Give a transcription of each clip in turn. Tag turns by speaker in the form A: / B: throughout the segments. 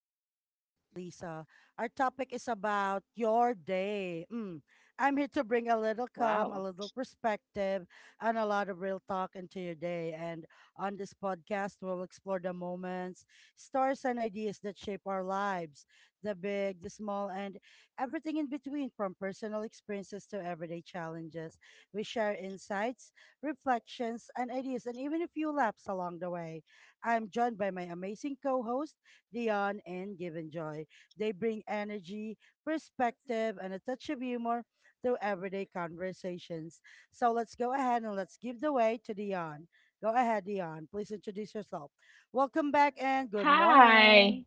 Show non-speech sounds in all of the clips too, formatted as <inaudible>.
A: Reflections with Lisa. Our topic is about your day. Mm. I'm here to bring a little
B: Wow.
A: calm, a little perspective, and a lot of real talk into your day. And on this podcast, we'll explore the moments, stories, and ideas that shape our lives the big, the small, and everything in between, from personal experiences to everyday challenges. We share insights, reflections, and ideas, and even a few laps along the way. I'm joined by my amazing co host, Dion and Given Joy. They bring energy, perspective, and a touch of humor to everyday conversations. So let's go ahead and let's give the way to Dion. Go ahead, Dion. Please introduce yourself. Welcome back and good
B: Hi.
A: morning.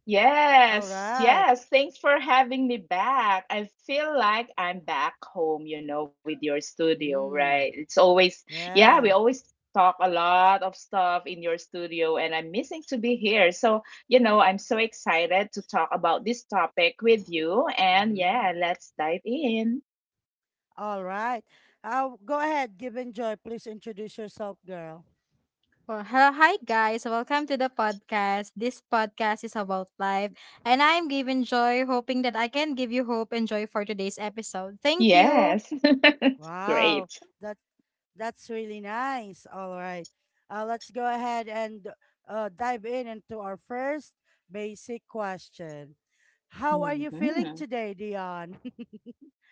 A: All
B: Yes.
A: right.
B: Yes. Thanks for having me back. I feel like I'm back home, with your studio, right?
A: Mm,
B: It's always, yeah, we
A: yeah.
B: always talk a lot of stuff in your studio, and I'm missing to be here. So, I'm so excited to talk about this topic with you. And
A: Mm-hmm.
B: yeah, let's dive in.
A: All right. Go ahead, Given Joy. Please introduce yourself, girl.
C: Well, hello, hi guys. Welcome to the podcast. This podcast is about life, and I'm giving joy, hoping that I can give you hope and joy for today's episode. Thank you.
B: Yes. <laughs>
A: Wow.
B: Great.
A: That That's really nice. All right. Let's go ahead and dive in into our first basic question. How are you feeling
B: Hmm.
A: today, Dion?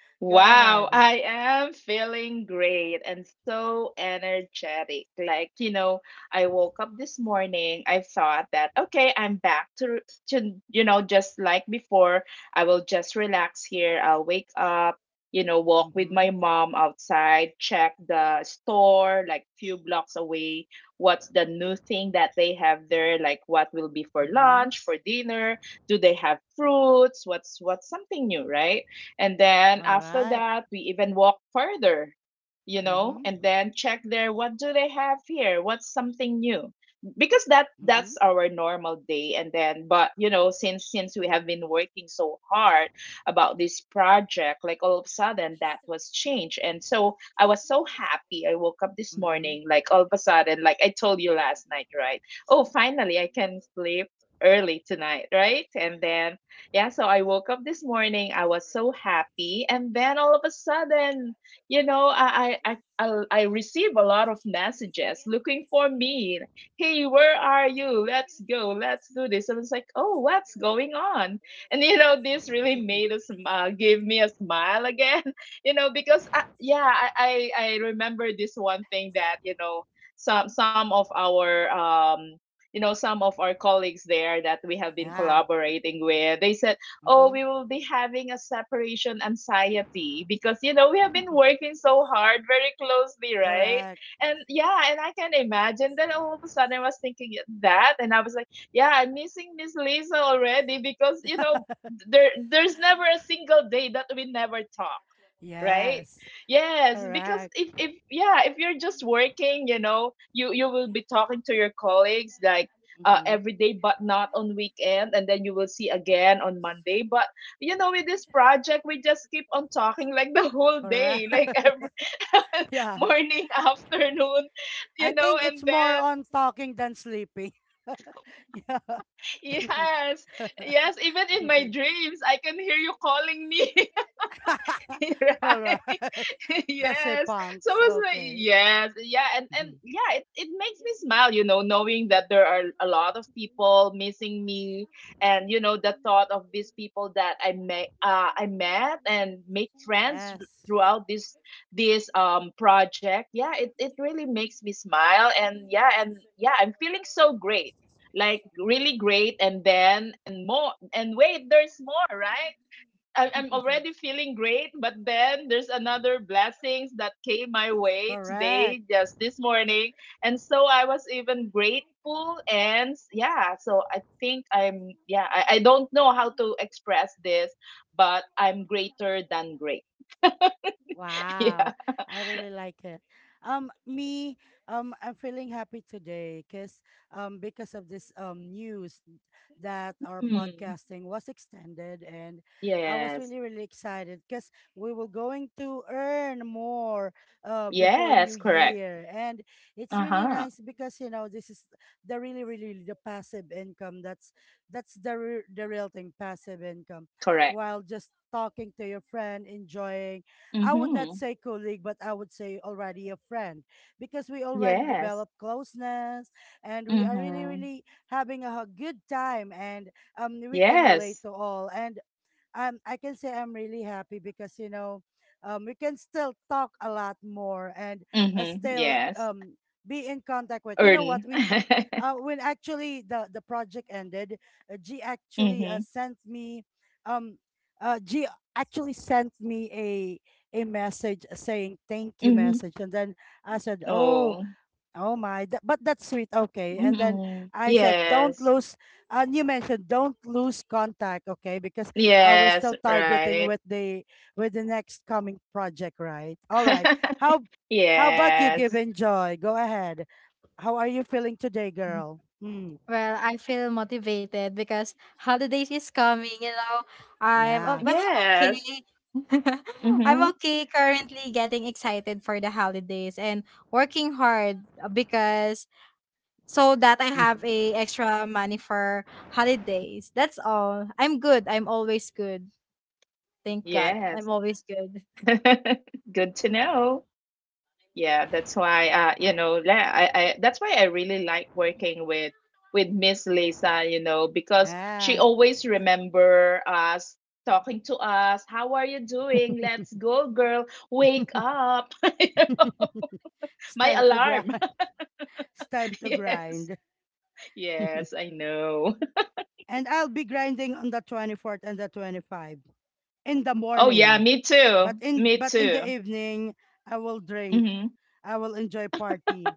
A: <laughs> Go
B: Wow,
A: ahead.
B: I am feeling great and so energetic. Like, I woke up this morning. I thought that, okay, I'm back to, just like before. I will just relax here. I'll wake up, walk with
A: Mm-hmm.
B: my mom outside, check the store like few blocks away. What's the new thing that they have there? Like, what will be for
A: Mm-hmm.
B: lunch, for dinner? Do they have fruits? What's something new, right? And then
A: All
B: after
A: right.
B: that, we even walk further,
A: Mm-hmm.
B: and then check there. What do they have here? What's something new? Because that
A: Mm-hmm.
B: that's our normal day. And then, but since we have been working so hard about this project, like all of a sudden that was changed, and so I was so happy. I woke up this
A: Mm-hmm.
B: morning, like all of a sudden, like I told you last night, right? Oh, finally I can sleep early tonight, right? And then, yeah, so I woke up this morning. I was so happy, and then, all of a sudden, I receive a lot of messages looking for me. Hey, where are you? Let's go. Let's do this. And it's like, oh, what's going on? And this really
A: Mm-hmm.
B: made us give me a smile again. <laughs> Because I, yeah, I remember this one thing that you know some of our you know some of our colleagues there that we have
A: <laughs>
B: been
A: Yeah.
B: collaborating with, they said, oh,
A: Mm-hmm.
B: we will be having a separation anxiety because we have been working so hard, very closely,
A: <laughs>
B: right.
A: Correct.
B: And yeah, and I can imagine that all of a sudden I was thinking that. And I was like, yeah, I'm missing Miss Lisa already because there's never a single day that we never talk,
A: <laughs>
B: right.
A: Yes.
B: Yes, because
A: Correct.
B: if you're just working, you will be talking to your colleagues like,
A: Mm-hmm.
B: every day, but not on weekend, and then you will see again on Monday. But with this project, we just keep on talking like <laughs> the whole
A: Correct.
B: day, like every
A: <laughs>
B: <laughs>
A: Yeah.
B: morning, afternoon,
A: I think it's
B: and
A: more
B: then.
A: on talking than sleeping. <laughs> Yeah. <laughs>
B: <laughs> Yes, yes, even in my dreams I can hear you calling me. <laughs> <laughs>
A: All
B: Right?
A: right.
B: <laughs>
A: The
B: Yes. So I
A: Sepunks.
B: was like,
A: Okay.
B: yes, yeah, and
A: Mhm.
B: it makes me smile, knowing that there are a lot of people missing me, and the thought of these people that I met and make friends
A: Yes.
B: throughout this project. Yeah, it really makes me smile. And yeah, I'm feeling so great, like really great. And then, and more, and wait, there's more, right? I'm
A: Mhm. <laughs>
B: already feeling great, but then there's another blessings that came my way
A: Correct.
B: today, just this morning. And so I was even grateful. And yeah, so I think I don't know how to express this, but I'm greater than great. <laughs> Yeah.
A: Wow, I really like it. Me, I'm feeling happy today because of this news that our
B: Mm.
A: podcasting was extended, and I was
B: Yes.
A: really really excited because we were going to earn more before
B: Yes.
A: New
B: Correct.
A: Year, and
B: Uh
A: it's really
B: huh.
A: nice because you know this is the really really the passive income. That's the real thing, passive income,
B: Correct.
A: while just talking to your friend, enjoying.
B: Mm
A: I would not
B: hmm.
A: say colleague, but I would say already a friend because we already
B: Yes.
A: develop closeness and we
B: Mm
A: are really,
B: hmm.
A: really having a good time and we can relate
B: Yes.
A: to all. And I'm. I can say I'm really happy because you know, we can still talk a lot more and
B: Mm hmm.
A: still
B: Yes.
A: be in contact with. You know what?
B: Earn. <laughs>
A: When
B: Mm
A: uh, when actually the project ended, G actually
B: hmm.
A: sent me um uh, G a message saying thank you
B: Mhm.
A: message and then I said, Oh,
B: Oh.
A: Oh my, but that's sweet. Okay. And then
B: Mm-mm.
A: I said, don't
B: Yes.
A: lose, and you mentioned don't lose contact. Okay. Because we're
B: Yes,
A: still targeting
B: right.
A: with the next coming project, right? All right.
B: <laughs>
A: How, how about you,
B: Yes.
A: Given Joy? Go ahead. How are you feeling today, girl? Hmm.
C: Well, I feel motivated because holidays is coming. I'm
A: Yeah.
C: I'm
B: Yes.
C: okay. <laughs> I'm
B: Mm-hmm.
C: okay currently getting excited for the holidays and working hard because so that I have
A: Mhm.
C: a extra money for holidays. That's all. I'm good. I'm always good. Thank God.
B: Yes.
C: I'm always good.
B: <laughs> Good to know. Yeah, that's why you
A: Oh,
B: know, la- I that's why I really like working with Miss Lisa, because she
A: Yeah.
B: always remember us, talking to us. How are you doing? Let's go, girl. Wake up. <laughs>
A: It's
B: My
A: time to grind.
B: alarm.
A: <laughs> It's time
B: <laughs>
A: to
B: Yes.
A: grind.
B: Yes, I know. <laughs>
A: And I'll be grinding on the 24th and the 25th in the
B: Oh yeah,
A: morning.
B: me
A: But
B: too.
A: in
B: Me
A: but in
B: too.
A: the evening, I will drink.
B: Hmm.
A: I will enjoy party.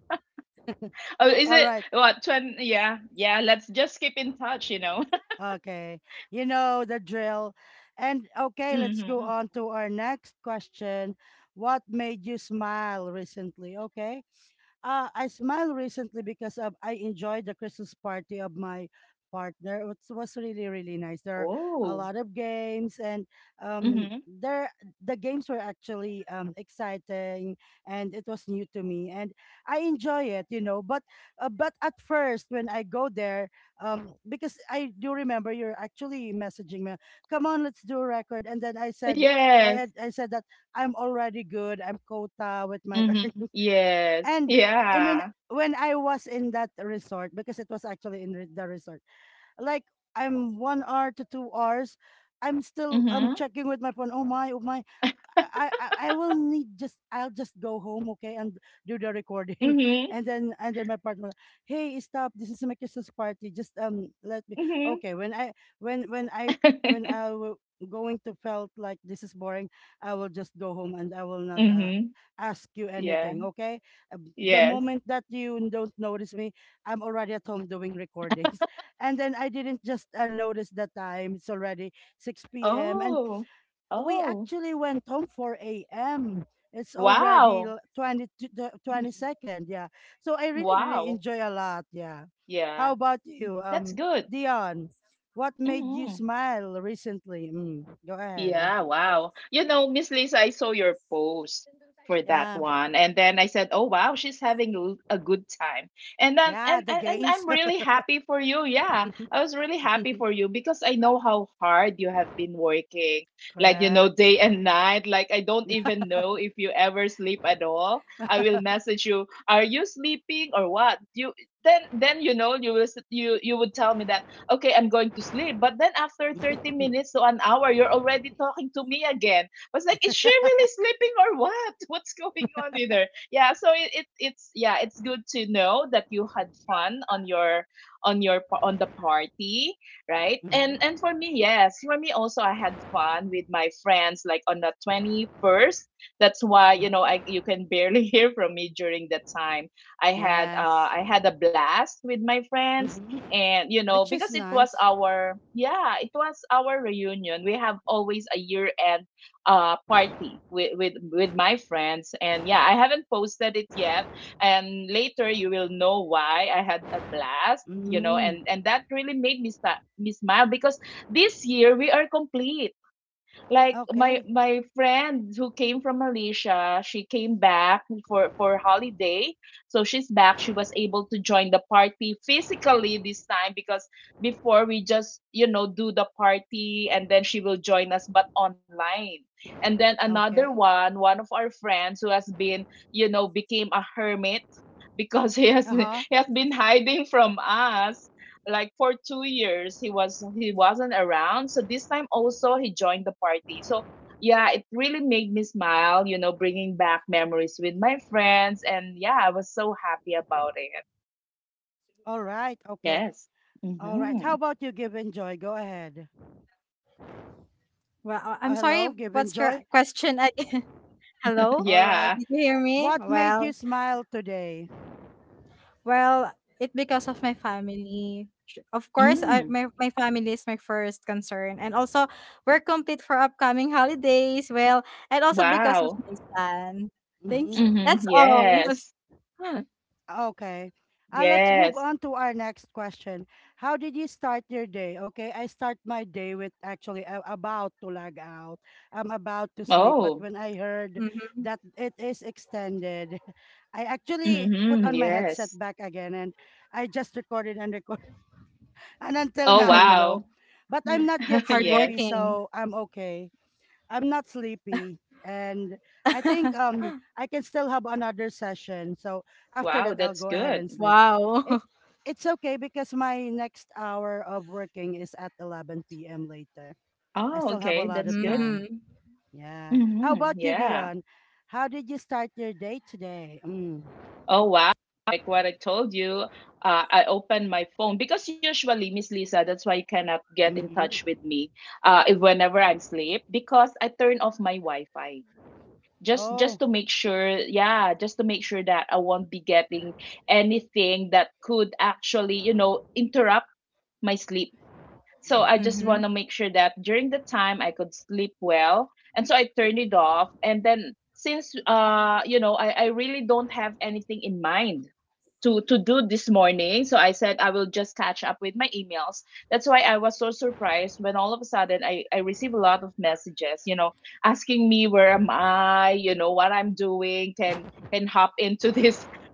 B: Oh, is
A: All
B: it
A: right.
B: what? 20? Yeah, yeah, let's just keep in touch.
A: Okay. You know the drill. And
B: <laughs>
A: okay, let's go
B: Hmm.
A: on to our next question. What made you smile recently? Okay. I smiled recently I enjoyed the Christmas party of my partner. It was really, really nice. There are a
B: Oh.
A: lot of games, and um,
B: Hmm.
A: there the games were actually exciting, and it was new to me, and I enjoy it. But at first, when I go there, because I do remember you're actually messaging me, "Come on, let's do a record," and then I said, I
B: Yes.
A: had, I said that I'm already good. I'm quota with my <laughs>
B: Hmm.
A: earnings
B: Yes.
A: and when
B: Yeah.
A: I was in that resort because it was actually in the resort, like I'm 1 hour to 2 hours, I'm still I'm
B: Hmm.
A: checking with my phone. Oh my, oh my, I'll just go home, okay, and do the recording, <laughs>
B: Hmm.
A: and then my partner, hey, stop! This is my Christmas party. Just let me.
B: Hmm.
A: Okay, when when I when I
B: <laughs>
A: w- going to felt like this is boring, I will just go home and I will not
B: Hmm.
A: ask you
B: Yeah.
A: anything, okay? The
B: Yes.
A: moment that you don't notice me, I'm already at home doing recordings, <laughs> and then I didn't just notice the time. It's already 6 p.m. and
B: Oh.
A: we
B: Oh.
A: actually went home 4 a.m. It's already
B: Wow.
A: 20 to the
B: Mhm.
A: 22nd. Yeah. So I really, really
B: Wow.
A: enjoy a lot. Yeah. How
B: Yeah.
A: about you,
B: That's good.
A: Dion? What made you
B: Hmm.
A: smile recently? Go ahead.
B: Yeah, wow. You know, Miss Lisa, I saw your post for that
A: Yeah.
B: one. And then I said, "Oh, wow, she's having a good time." And then,
A: Yeah.
B: and,
A: The
B: and and
A: games.
B: I'm really happy for you. Yeah. I was really happy
A: <laughs>
B: for you because I know how hard you have been working. Like,
A: Correct. <laughs>
B: day and night. Like, I don't even know if you ever sleep at all. I will message you, "Are you sleeping or what?" You then you will you would tell me that, okay, I'm going to sleep. But then, after 30 minutes to an hour, you're already talking to me again. I was like, is she really sleeping or what? <laughs> What's going on with her? Yeah, so it's good to know that you had fun on your on the party, right? And
A: Mhm,
B: and for me, yes, for me also I had fun with my friends like on the 21st. That's why, you know,
A: mhm.
B: I you can barely <laughs> hear from me during that time.
A: Yes.
B: I had a blast with my friends.
A: Mhm.
B: And
A: Which is
B: because it was
A: nice.
B: our yeah, it was our reunion. We have always a year end, party with my friends. And yeah, I haven't posted it yet, and later you will know why I had a blast, you know
A: Mm.
B: and and that really made me start me smile because this year we are complete, like my
A: Okay.
B: my friend who came from Malaysia. She came back for holiday. So she's back. She was able to join the party physically this time because before we just, do the party, and then she will join us, but online. And then another
A: Okay.
B: one of our friends who has been, became a hermit because <laughs>
A: Uh
B: he
A: huh.
B: has been hiding from us like for 2 years. He wasn't around, so this time also he joined the party. So yeah, it really made me smile, bringing back memories with my friends. And yeah, I was so happy about it.
A: All right. Okay.
B: Yes.
A: All right.
B: Mm-hmm.
A: How about you, Give and Joy? Go ahead.
C: Well, I'm sorry.
A: Hello, Give and
C: What's your
A: Joy.
C: question again? <laughs>
B: <laughs>
C: Hello?
A: All right.
B: Yeah.
C: Did you hear me?
A: What made
C: Well,
A: you smile today?
C: well, it because of my family. Of course,
B: Mm.
C: my family is my first concern. And also, we're complete for upcoming holidays. Well, and also because of
B: Wow.
C: my son. Thank you.
A: hmm
B: Mm-hmm.
C: That's all.
B: Yes.
C: <laughs>
A: Okay. Let's move
B: Yes.
A: on to our next question. How did you start your day? Okay, I start my day with actually I'm about to lag out. I'm about to sleep, but
B: Oh.
A: when I heard
C: Mhm.
A: that it is extended, <laughs> I actually put
B: Mm-hmm.
A: on my headset
B: Yes.
A: back again and I just recorded and recorded. And until
B: Oh,
A: now, you
C: <laughs>
A: know.
B: wow.
A: But I'm not yet
B: <laughs> Yes.
A: sleepy,
C: Hardworking.
A: so I'm okay. I'm not sleepy, and I think
C: <laughs>
A: I can still have another session. So after
B: Wow,
A: that, I'll
B: that's
A: go ahead
B: good.
A: and sleep.
C: Wow.
A: It's
C: <laughs>
A: it's okay because my next hour of working is at 11 p.m. later. I
B: Oh,
A: still have a
B: okay,
A: lot
B: that's
A: of
B: good.
A: time.
C: Mm-hmm.
A: Yeah. How
B: Hmm.
A: about you,
B: Yeah.
A: Dion? How did you start your day today? Mm.
B: Oh, wow. Like what I told you, I opened my phone because usually, Miss Lisa, that's why you cannot get in touch
A: hmm
B: with me, if whenever I'm asleep, because I turn off my Wi-Fi just
A: Oh.
B: to make sure, yeah, just to make sure that I won't be getting anything that could actually, interrupt my sleep. So I just
A: mhm.
B: want to make sure that during the time I could sleep well. And so I turned it off. And then, since I really don't have anything in mind to do this morning. So I said I will just catch up with my emails. That's why I was so surprised when all of a sudden I received a lot of messages, asking me where am I, what I'm doing, can hop into this <laughs>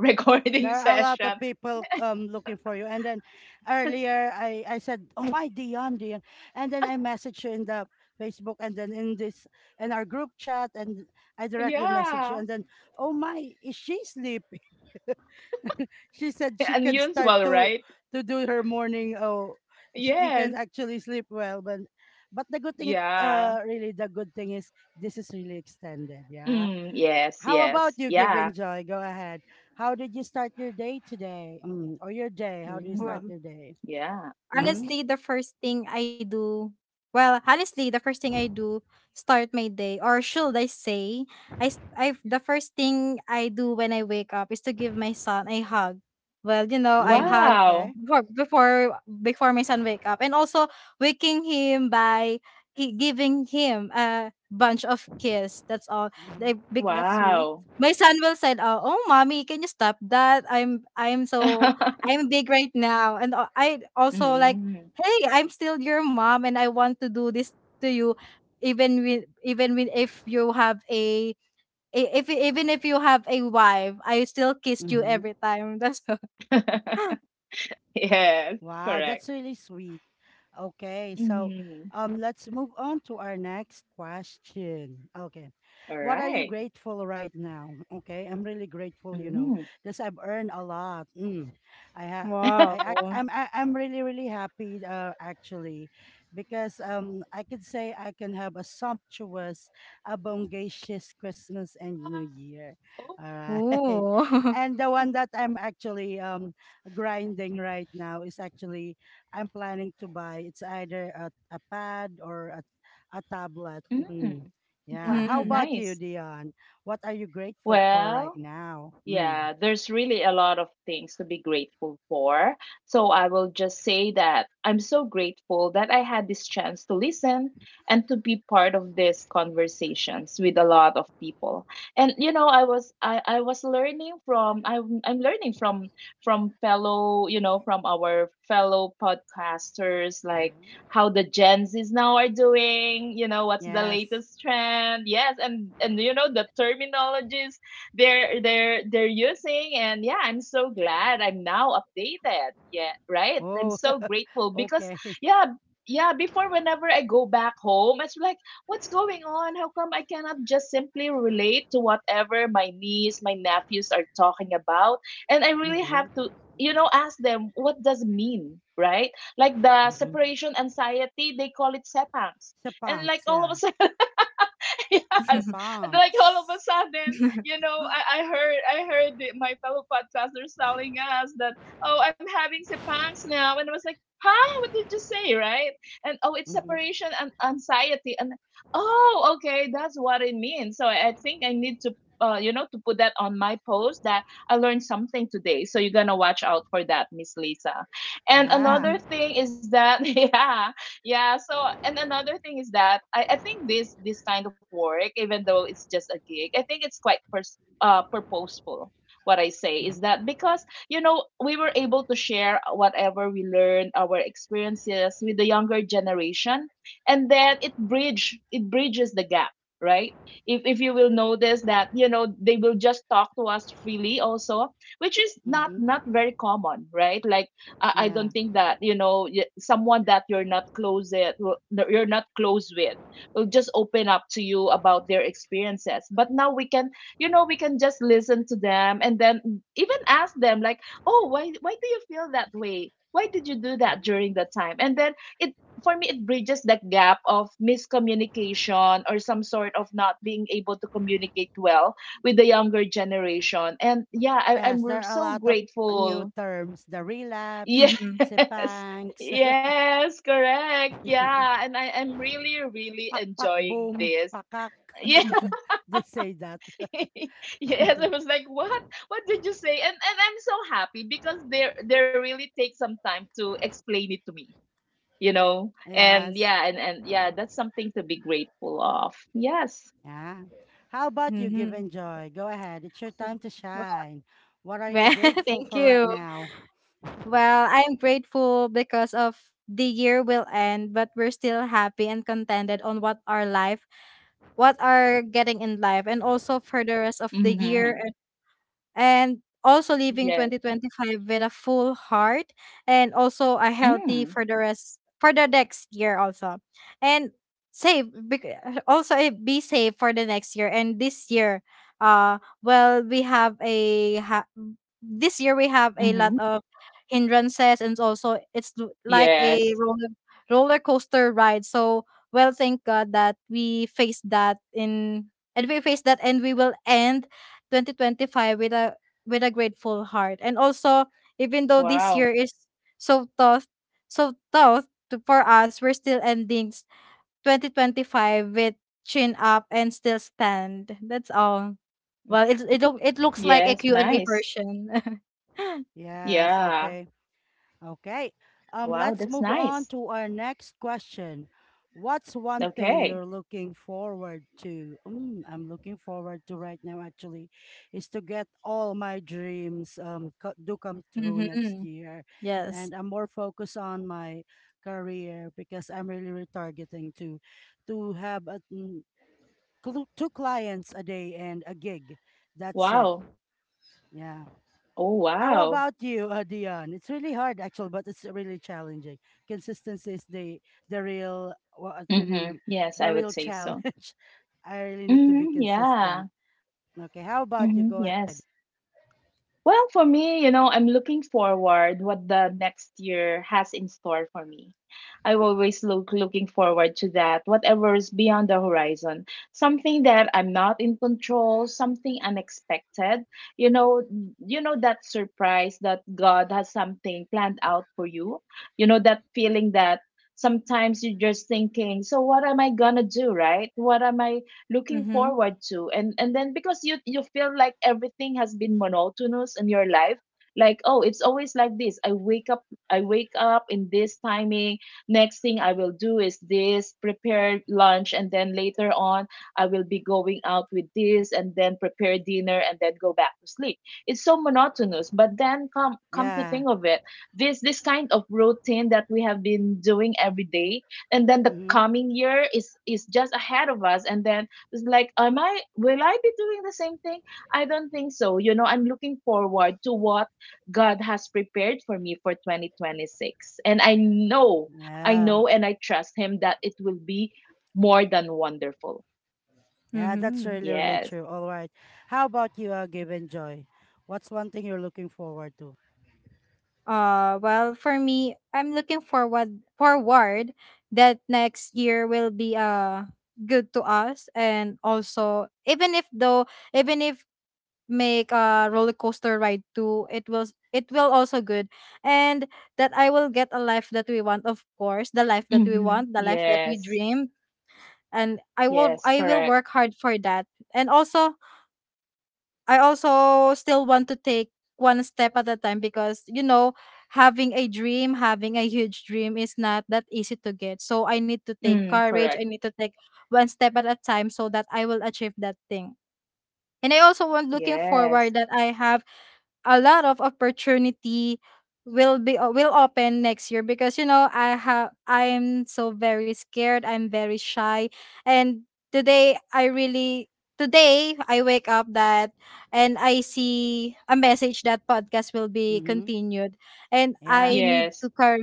A: There
B: recording
A: are a lot of
B: session.
A: people looking for you. And then earlier I said, "Oh my Dion, Dion," and then I messaged you in the Facebook and then in our group chat and I directly messaged you
B: Yeah.
A: and then, "Oh my, is she sleeping?" <laughs> she said
B: <laughs>
A: she can start
B: Unusual,
A: to
B: right?
A: to do her morning. Oh, she, you
B: Yes.
A: can actually sleep well, but the good thing,
B: Yeah.
A: really the good thing is this is really extended. Yeah,
B: Mm, yes,
A: how about
B: yes.
A: you, Give
B: Yeah.
A: and Joy? Go ahead. How did you start your day today? Or your day? How do you
B: Mm,
A: start
C: Well.
A: your day?
B: yeah.
A: Mm-hmm.
C: Honestly, the first thing I do, honestly, the first thing I do start my day, or should I say, I, the first thing I do when I wake up is to give my son a hug. Well, I
A: Mm,
C: hug
B: Wow.
A: okay.
C: before before, before my son wake up, and also waking him by giving him a bunch of kiss. That's all.
A: hmm
C: They, bec-
A: That's sweet.
B: Wow.
C: my son will say, "Oh, oh, mommy, can you stop that? I'm so
B: <laughs>
C: I'm big right now." And I also like,
B: Mm.
C: "Hey, I'm still your mom and I want to do this to you even with if you have a if you have a wife, I still kissed you
A: Mm-hmm.
C: every time." That's <laughs>
B: <laughs> Yes,
A: Wow, that's
B: correct.
A: really sweet. Okay, so
B: Mhm.
A: let's move on to our next question. Okay,
B: All
A: what are you
B: right.
A: grateful right now? Okay, I'm really grateful,
B: Mm.
A: because I've earned a lot. Mm. I ha I
C: wow.
B: <laughs>
A: act I'm I, I'm really really happy actually, because I could say I can have a sumptuous, a bongacious Christmas and New
B: Wow.
A: Year.
B: Oh,
A: All right,
C: Ooh.
A: <laughs>
C: <laughs>
A: and the one that I'm actually grinding right now is actually I'm planning to buy it's either a pad or a tablet. Mm.
B: mm. Wow,
A: Yeah. How
C: Mhm.
A: about you,
B: nice.
A: Dion? What are you grateful for right
B: Well,
A: now? Mm.
B: yeah, there's really a lot of things to be grateful for. So I will just say that I'm so grateful that I had this chance to listen and to be part of these conversations with a lot of people. And you know, I was learning from I'm learning from fellow, from our fellow podcasters, like
A: hmm
B: how the Gen Zs now are doing, what's the
A: Yes.
B: latest trend. Yes, and you know the terminologies they're using. And yeah, I'm so glad I'm now updated. Yeah, right, I'm
A: Oh,
B: so
A: <laughs>
B: grateful because
A: okay.
B: yeah, yeah, before, whenever I go back home, it's like, what's going on? How come I cannot just simply relate to whatever my niece, my nephews are talking about? And I really
A: Mm-hmm.
B: have to, you know, ask them what does it mean, right? Like the
A: Mm-hmm.
B: separation anxiety, they call it sepangs. And like
A: Sepangs,
B: all of a <laughs>
A: yeah.
B: sudden. <laughs> Yes.
C: <laughs>
B: And like all of a
A: Sepangs.
B: sudden, you know, I heard I heard my fellow podcasters telling us that, oh, I'm having sepangs now. And I was like, huh, what did you say, right? And, oh, it's
A: Mm-hmm.
B: separation and anxiety. And oh, okay, that's what it means. So I think I need to, you know, to put that on my post that I learned something today. So you're gonna watch out for that, Miss Lisa. And
A: Yeah.
B: another
C: Mhm.
B: thing is that <laughs> yeah. Yeah, so, and another thing is that I think this kind of work, even though it's just a gig, I think it's quite purposeful. What I say
A: Mm-hmm.
B: is that, because, you know, we were able to share whatever we learned, our experiences, with the younger generation, and then it bridges the gap, right? If you will notice that, you know, they will just talk to us freely also, which is not
A: Mm-hmm.
B: very common, right? Like, I
A: Yeah.
B: don't think that, you know, someone that you're not close, that you're not close with, will just open up to you about their experiences. But now we can, you know, we can just listen to them, and then even ask them, like, oh, why do you feel that way? Why did you do that during
A: hmm
B: that time? And then it for me it bridges that gap of miscommunication, or some sort of not being able to communicate well with the younger generation. And yeah, I, i'm
A: Yes, there
B: r-
A: are a
B: so
A: lot of new
B: grateful.
A: terms. The relapse,
B: Yes.
C: Mhm.
B: <laughs>
A: sepangs,
B: Yes, correct.
A: <laughs>
B: Yeah, and I am really, really
A: pakpak
B: enjoying
A: boom,
B: this.
A: pakak.
B: Yeah,
A: <laughs> They say that.
B: <laughs>
A: <laughs>
B: yes, I was like, what? What did you say? And I'm so happy because they really take some time to explain it to me, you know. And
A: Yes.
B: yeah, and yeah, that's something to be grateful of. Yes.
A: Yeah. How about you,
C: Mhm.
A: Given Joy? Go ahead. It's your time to shine. What are you
C: Well, <laughs>
A: grateful
C: thank
A: for right
C: you.
A: now?
C: Well, I'm grateful because of the year will end, but we're still happy and contented on what our life what are getting in life and also for the rest of the
B: Mm-hmm.
C: year and also
B: Yes.
C: leaving 2025 with a full heart and also a
B: Mm.
C: healthy for the rest for the next year also and save bec- also be safe for the next year and this year well we have a ha- this year we have a
B: Mm-hmm.
C: lot of hindrances and also like
B: Yes.
C: a roller coaster ride so well thank God that we faced that and we will end 2025 with a grateful heart. And also, even though this
B: Wow.
C: year is so tough, for us, we're still 2025 with chin up and still stand. That's all.
B: Mm.
C: Well, it looks like a
B: Yes.
C: Q and A
B: Nice.
C: person. <laughs>
A: Yes,
B: Yeah.
A: okay. Okay.
B: Wow.
A: Let's
B: That's
A: move on
B: nice.
A: to our next question. What's one thing
B: Okay.
A: you're looking forward to? I'm looking forward to right now actually is to get all my dreams do come true next
C: Mm-hmm.
A: year.
C: Yes.
A: And I'm more focused on my career because I'm really retargeting to have two clients a day and a gig. That's it.
B: Wow.
A: Yeah.
B: Oh,
A: How
B: wow.
A: about you, Dion? It's really hard, actually, but it's really challenging. Consistency is the real what you
B: Hmm.
A: name-
B: Yes, I
A: the
B: would
A: real
B: say so.
A: challenge. <laughs> I really need to be
B: Hmm.
A: consistent.
B: Yeah.
A: Okay, how about you?
B: Hmm.
A: Go ahead.
B: Yes. Well, for me, you know, I'm looking forward what the next year has in store for me. I always looking forward to that, whatever is beyond the horizon. Something that I'm not in control, something unexpected. You know, you know that surprise that God has something planned out for you. You know that feeling that sometimes you're just thinking, so what am I gonna do, right? What am I looking
C: Mm-hmm.
B: forward to? And then, because you feel like everything has been monotonous in your life, like, oh, it's always like this. I wake up, I wake up in this timing, next thing I will do is this, prepare lunch, and then later on I will be going out with this, and then prepare dinner, and then go back to sleep. It's so monotonous. But then come to
A: Yeah.
B: think of it, this kind of routine that we have been doing every day, and then the
A: Mm-hmm.
B: coming year is just ahead of us, and then was like, am I, will I be doing the same thing? I don't think so. You know, I'm looking forward to what God has prepared for me for 2026. And I know, i
A: Yeah.
B: know and I trust him that it will be more than wonderful.
A: Yeah, that's
C: Mm-hmm.
A: really, really
B: Yes.
A: true. All right. How about you, Given Joy? What's one thing you're looking forward to?
C: Well, for me, I'm looking forward that next year will be good to us, and also even if make a roller coaster ride too, it will also good, and that I will get a life that we want, of course, the life that we
B: Hmm.
C: want, the life that we
B: Yes.
C: dream, and
B: Yes,
C: I will
B: correct.
C: work hard for that, and also I also still want to take one step at a time because you know having a dream, having a huge dream is not that easy to get. So I need to take
B: Mm,
C: courage. I
B: correct.
C: need to take one step at a time so that I will achieve that thing. And I also want looking
B: Yes.
C: forward that I have a lot of opportunity will open next year because I'm so very scared, I'm very shy and today I really today I wake up that and I see a message that podcast will be
A: Mm-hmm.
C: continued and
A: Yeah.
B: Yes.
C: to car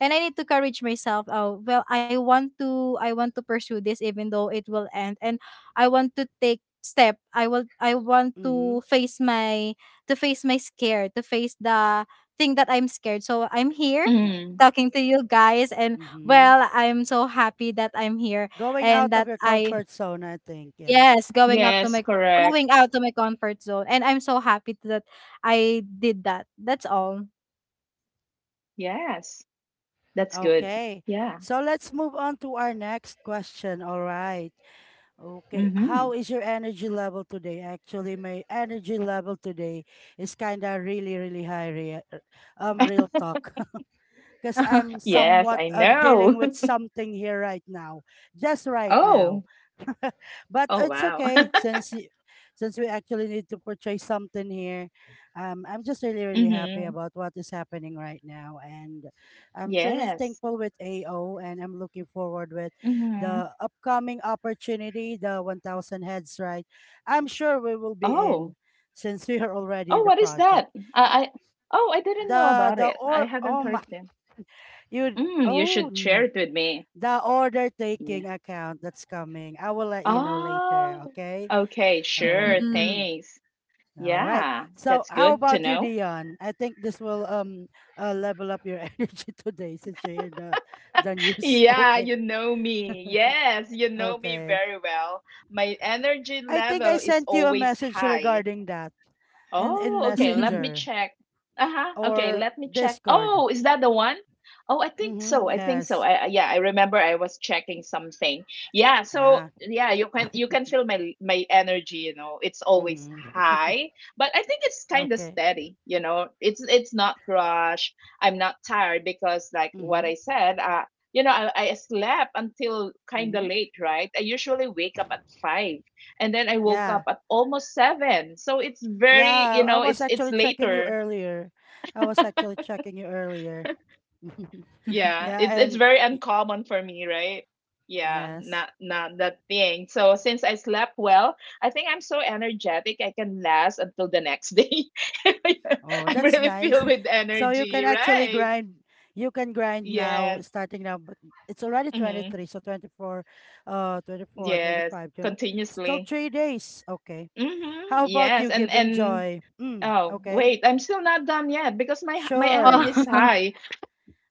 C: and I need to courage myself. Oh well, I want to pursue this even though it will end and I want to take step I will I want
A: Mm-hmm.
C: to face my scare, to face the thing that I'm scared. So I'm here
A: Yeah.
B: Mm,
C: talking to you guys and
A: Mm-hmm.
C: well, I'm so happy that I'm here
A: Going
C: and
A: out of
C: that
A: your
C: I
A: comfort zone, I think. Yeah.
C: yes,
B: yes, correct.
C: going out to my comfort zone and I'm so happy that I did that. That's all. <laughs>
B: Yes, that's good.
A: Okay.
B: Yeah.
A: So let's move on to our next question. All right. Okay.
B: Mm-hmm.
A: How is your energy level today? Actually, my energy level today is kind of really, really high.
B: <laughs>
A: Real talk. <laughs> Because I'm
B: Yes,
A: somewhat
B: I know.
A: dealing with
B: <laughs>
A: something here right now, just right now.
B: Oh.
A: <laughs> But
B: Oh,
A: it's
B: wow.
A: okay
B: <laughs>
A: since we actually need to purchase something here. I'm just really really happy
B: Mhm.
A: about what is happening right now, and I'm truly
B: Yes.
A: thankful with AO, and I'm looking forward with
B: Mhm.
A: the upcoming opportunity, the 1,000 heads. Right, I'm sure we will be
B: Oh.
A: in since we are already in
B: Oh,
A: the
B: what is
A: project.
B: that? I Oh, I didn't know about
A: The
B: it. I
A: or oh
B: haven't
A: my
B: heard them.
A: you
B: Mm, you
A: oh
B: should share it with me.
A: the order taking
B: Yeah.
A: account that's coming. I will let you know later,
B: Oh.
A: okay?
B: Okay, sure.
A: Oh,
C: Mhm.
A: mhm.
B: Thanks.
A: All right.
B: Yeah,
A: So,
B: that's
A: how
B: good to
A: about you,
B: know.
A: Dion? I think this will level up your <laughs> energy today since you hear the
B: <laughs>
A: news. <laughs>
B: Yeah,
A: Okay,
B: you know me. Yes, you know me
A: okay.
B: very well. My energy
A: I think I
B: level is
A: sent you a
B: always
A: message
B: high.
A: regarding that in
B: Oh, okay. Let me
C: <laughs>
A: Messenger
B: check. Uh-huh. Okay,
A: or
B: let me check.
A: Discord.
B: Oh, is that the one? Oh, I think
A: Mm-hmm.
B: so. I think so.
A: Yes.
B: Yeah, I remember I was checking something. Yeah, so
A: Yeah.
B: yeah, you
A: <laughs>
B: can feel my energy, you know. It's always
A: Mm-hmm. <laughs>
B: high, but I think it's kind of
A: Okay.
B: steady, you know. It's not rush. I'm not tired because, like what
A: Mm-hmm.
B: I said, you know, I slept until kind of
A: Mm-hmm.
B: late, right? I usually wake up at 5, and then I woke up
A: Yeah.
B: at almost seven. So it's very,
A: Yeah,
B: you
A: I
B: know,
A: was
B: it's
A: actually checking you
B: later.
A: earlier. I was actually checking you earlier. <laughs>
B: Yeah,
A: Yeah,
B: it's
A: and
B: very
A: y-
B: uncommon for me, right? Yeah,
A: yes.
B: not that thing. So since I slept well, I think I'm so energetic I can last until the next day. <laughs>
A: Oh,
B: I'm
A: that's
B: really
A: nice.
B: filled with
A: So you can
B: energy,
A: actually
B: right?
A: grind. You can grind now,
B: Yes.
A: starting now. But it's already
B: Mm-hmm.
A: 23, so 24, 24,
B: Yes.
A: 25, 20, still
B: Continuously.
A: 3 days. Okay.
B: Mm-hmm.
A: How about
B: Yes.
A: you,
B: And
A: Given
B: and
A: Joy? Mm,
B: oh
A: okay.
B: wait, I'm still not done yet, because my
A: Sure.
B: energy is
C: Oh.
B: high.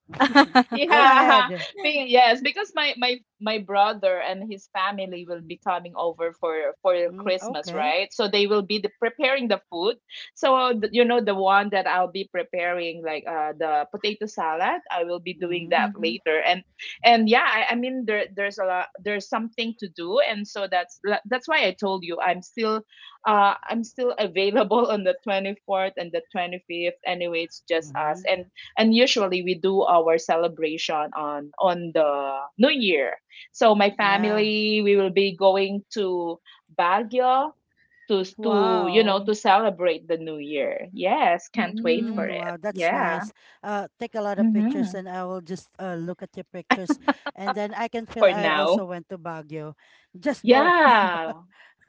A: <laughs> Go
C: <laughs>
B: Yeah,
A: ahead.
B: <laughs> being yes, because my brother and his family will be coming over for
A: Mm,
B: Christmas,
A: okay.
B: right? So they will be preparing the food. So you know the one that I'll be preparing, like, the potato salad. I will be doing
A: Mm-hmm.
B: that
C: Mhm.
B: later, and yeah, I mean, there's a lot, there's something to do, and so that's why I told you I'm still available <laughs> on the 24th and the 25th. Anyway, it's just us,
A: Mm-hmm.
B: and usually we do our celebration on the new year. So my
A: Yeah.
B: family, we will be going to Baguio, to, you know,
C: Wow.
B: to celebrate the new year. Yes, can't wait
A: Mm,
B: for
C: Mm.
B: it.
A: wow, that's
B: Yeah.
A: nice. Take a lot of pictures,
B: Mm-hmm.
A: and I will just look at your pictures, and then I can feel
B: For
A: I also
B: now.
A: went to Baguio, just for
B: Yeah.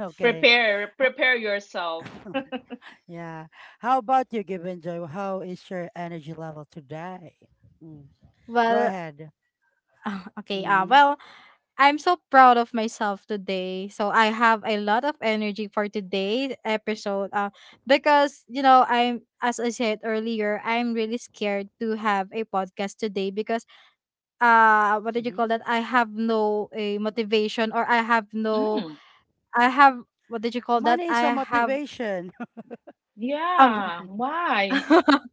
A: <laughs> okay.
B: Prepare prepare yourself.
A: <laughs> Yeah. How about you, Given Joy? How is your energy level today? Mm. Go
C: Well,
A: ahead.
C: <sighs> okay.
A: Mm-hmm.
C: Well, I'm so proud of myself today. So I have a lot of energy for today's episode. Because you know, I'm as I said earlier, I'm really scared to have a podcast today because what did you
A: Mm-hmm.
C: call that? I have no a motivation or I have no
B: Mm.
C: I have what did you call that?
A: Money is a
C: I have
A: motivation. <laughs>
C: um
B: Yeah, why?
C: <laughs>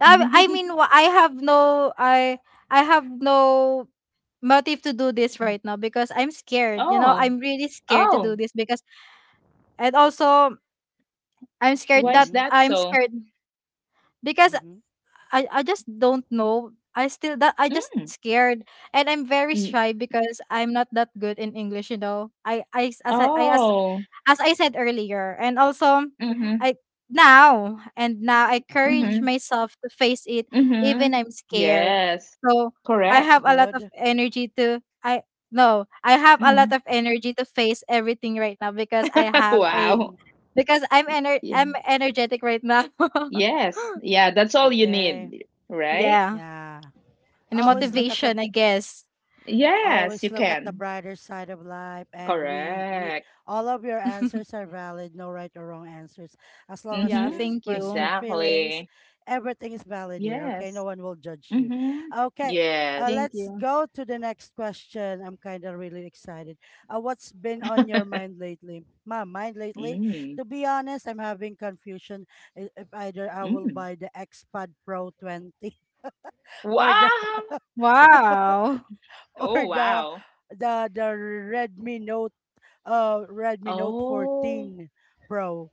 B: <laughs>
C: I have I have no motive to do this right now because I'm scared. You know,
B: Oh.
C: I'm really scared to do
B: Oh,
C: this because and also,
B: why is
A: Mm-hmm.
B: that
C: I'm
B: so?
C: scared because
A: Mm-hmm.
C: I just don't know. I still that I just
B: Mm.
C: scared and I'm very
B: Mm.
C: shy because I'm not that good in English, you know. I
B: Oh.
C: as I said earlier. And also
B: Mm-hmm.
C: I now and now I courage
B: Mhm.
C: myself to face it even
B: Mhm.
C: I'm scared.
B: Yes.
C: So I
B: Correct.
A: That's
C: have a lot of
A: good.
C: energy to I no, I have a lot
B: Mhm.
C: of energy to face everything right now because I
B: <laughs>
C: have a
B: Wow.
A: Mm-hmm.
C: because I'm I'm
B: Yeah.
C: energetic right now. <laughs>
B: Yes. Yeah, that's all you
A: Okay.
B: need, right?
C: Yeah.
A: Yeah.
C: And a
A: Always
B: Mhm.
A: look at the
C: motivation, I guess.
B: Yes,
A: always
B: you
A: look at the
B: can.
A: brighter side of life, and we
B: Correct.
A: all of your answers
C: <laughs>
A: are valid, no right or wrong answers, as long as
C: Yeah,
A: you
B: Mhm.
C: thank
A: express your
C: you.
A: feelings.
B: Exactly.
A: Everything is valid here. Okay, no
B: Yes.
A: one will judge you.
B: Mhm.
A: Okay.
B: Yes.
C: Thank
A: Let's
C: you.
A: go to the next question. I'm kind of really excited. What's been on your
B: <laughs>
A: mind lately? My mind lately,
B: Mm.
A: to be honest, I'm having confusion. If either I will
B: Mm.
A: buy the Xpad Pro 20 <laughs> or the
B: Wow.
C: Wow.
A: or
B: Oh,
A: the
B: wow.
A: the the Redmi Note Redmi Note
B: Oh.
A: 14 Pro,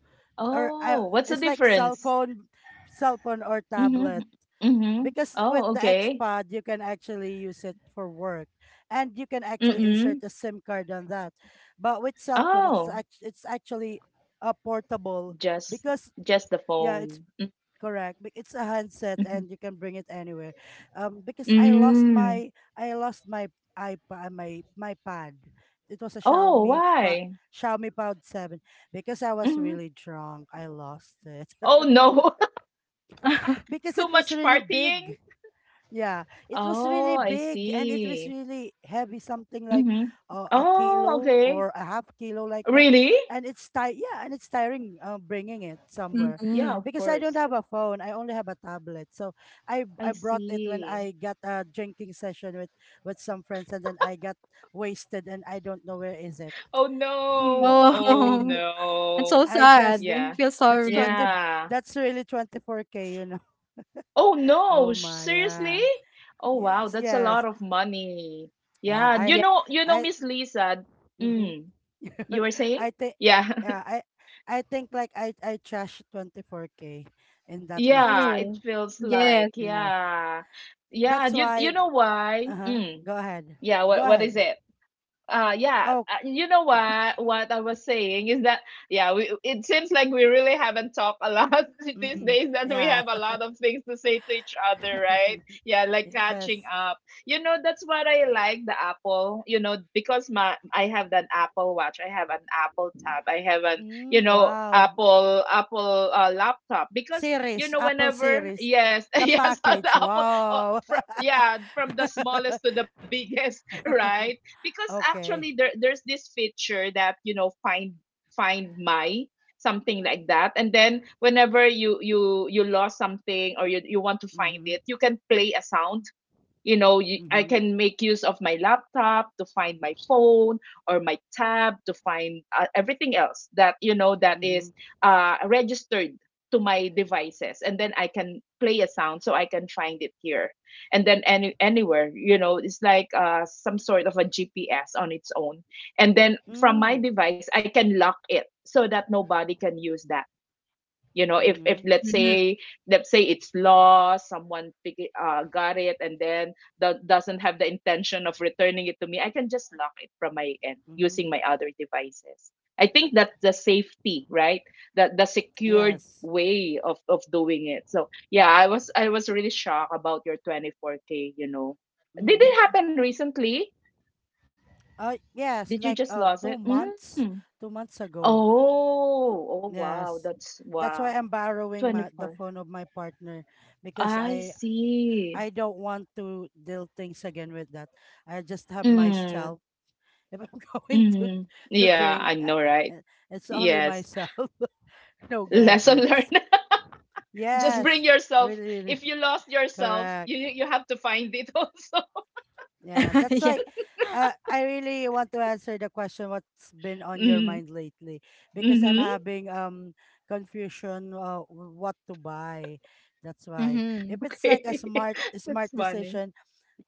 A: or
B: Oh, what's the
A: it's like
B: difference?
A: cell phone or
B: Mhm.
A: tablet.
B: Mhm.
A: Because with
B: Oh,
A: the
B: okay.
A: XPad you can actually use it for work, and you can actually insert
B: Mm-mm.
A: a SIM card on that. But with cell phone it's
B: Oh,
A: it's actually portable
B: just
A: because
B: just the
A: yeah it's
B: phone. Mm,
A: correct. But it's a handset
B: mhm.
A: and you can bring it anywhere. Because I lost
B: Mm.
A: my I lost my iPad, my pad. It was a
B: Oh, why?
A: Xiaomi Pad 7, because I was
B: Mhm.
A: really drunk. I lost it
B: Oh, no. <laughs>
A: <laughs>
C: <laughs>
A: because it
B: Too
A: was
B: much
A: really
B: partying?
A: big. Yeah, it was
B: Oh,
A: really
B: I
A: big and it was
B: see.
A: really heavy, something like
B: Mm-hmm.
A: a
B: Oh,
A: kilo
B: okay.
A: or a half kilo, like that.
B: Really?
A: And it's ti yeah, and it's tiring bringing it somewhere,
B: Yeah,
C: Hmm.
B: of
A: because I don't
B: course.
A: have a phone. I only have a tablet. So I
B: I
A: I brought it when
B: see. <laughs>
A: I got a drinking session with some friends, and then I got wasted and I don't know where is it.
B: Oh
A: Hmm.
B: no.
A: <laughs>
B: Oh
C: Oh, <laughs> I'm so
B: no.
A: I just
C: sad. I
B: Yeah.
C: feel
A: that's
C: sorry.
A: 20,
B: Yeah.
A: that's really 24k, you know. <laughs>
B: Oh no,
A: Oh my,
B: seriously?
A: yeah.
B: Oh wow,
A: Yes,
B: that's a
A: yes.
B: lot of money.
A: Yeah,
B: Yeah, you
C: Yeah.
B: know,
A: I
B: Miss Lisa.
A: Mm-hmm.
B: Mm, you were
A: <laughs>
B: saying?
A: I think
B: Yeah.
A: yeah,
B: <laughs>
A: I think like I trashed 24k in that night.
B: Yeah, it
C: Oh,
B: feels
C: yes.
B: like,
A: <laughs> You know.
B: yeah. Yeah,
A: That's
B: you
A: why
B: know why?
A: uh-huh.
B: Mm,
A: Go ahead.
B: yeah,
A: Go
B: what is
A: ahead.
B: it? Yeah
A: Oh,
B: you know what I was saying is that, yeah, it seems like we really haven't talked a lot <laughs> these
A: mm-hmm.
B: days, that we
A: Yeah.
B: have a lot of things to say to each other, right?
A: <laughs>
B: Yeah, like catching
A: Yes.
B: up. You know, that's what I like, the Apple, you know, because my I have an Apple watch, I have an Apple tab, I have an, you
A: Mm,
B: know,
A: wow.
B: Apple laptop, because, you
A: Series,
B: know,
A: Apple
B: whenever,
A: series.
B: yes. <laughs>
A: The
B: Yes, on the
A: package.
B: Apple, uh,
A: Wow.
B: yeah, from the smallest
A: <laughs>
B: to the biggest. <laughs> Right. Because actually
A: Okay.
B: there's this feature that, you know, find my, something like that. And then whenever you lost something, or you want to find
A: Mhm.
B: it, you can play a sound. You know, I
A: Mhm.
B: can make use of my laptop to find my phone, or my tab to find, everything else, that, you know, that
A: Mhm.
B: is registered to my devices. And then I can play a sound, so I can find it here. And then anywhere, you know. It's like, some sort of a GPS on its own. And then from my
A: Mm.
B: device I can lock it, so that nobody can use that. You know, if
A: Mhm.
B: let's
C: Mm-hmm.
B: say, let's say it's lost, someone pick it, got it, and then doesn't have the intention of returning it to me, I can just lock it from my end
A: Mhm.
B: using my other devices. I think that's the safety, right? That the secured
A: Yes.
B: way of doing it. So yeah, I was really shocked about your 24k, you know. Did
C: <laughs>
A: Mm-hmm.
B: it
C: Yeah.
B: happen recently?
A: Yes,
B: Did you
A: like
B: just lose
A: two
B: it?
A: months,
B: Mm.
A: 2 months ago.
B: Oh. Oh, wow,
A: Yes,
B: that's
A: that's
B: wow.
A: why I'm borrowing my the
B: 24.
A: phone of my partner because
B: I see.
A: I don't want to deal things again with that. I just have myself.
B: Mm.
A: If I'm <laughs> going to
B: Hmm. Yeah,
A: drink,
B: I know, right?
A: uh, it's only
B: Yes.
A: myself. <laughs> No
B: Lesson
A: gadgets.
B: learned. <laughs> Just bring
A: Yes,
B: yourself.
A: really, really
B: If you lost yourself,
A: correct.
B: you have to find it <laughs> also.
A: Yeah, that's why I really want to answer the question, what's been on your
B: Mm.
A: mind lately? Because I'm
B: Mm-hmm.
A: having confusion, what to buy. That's why
C: Mm-hmm.
A: if it's like a
B: Okay. <laughs>
A: smart
B: That's funny.
A: decision,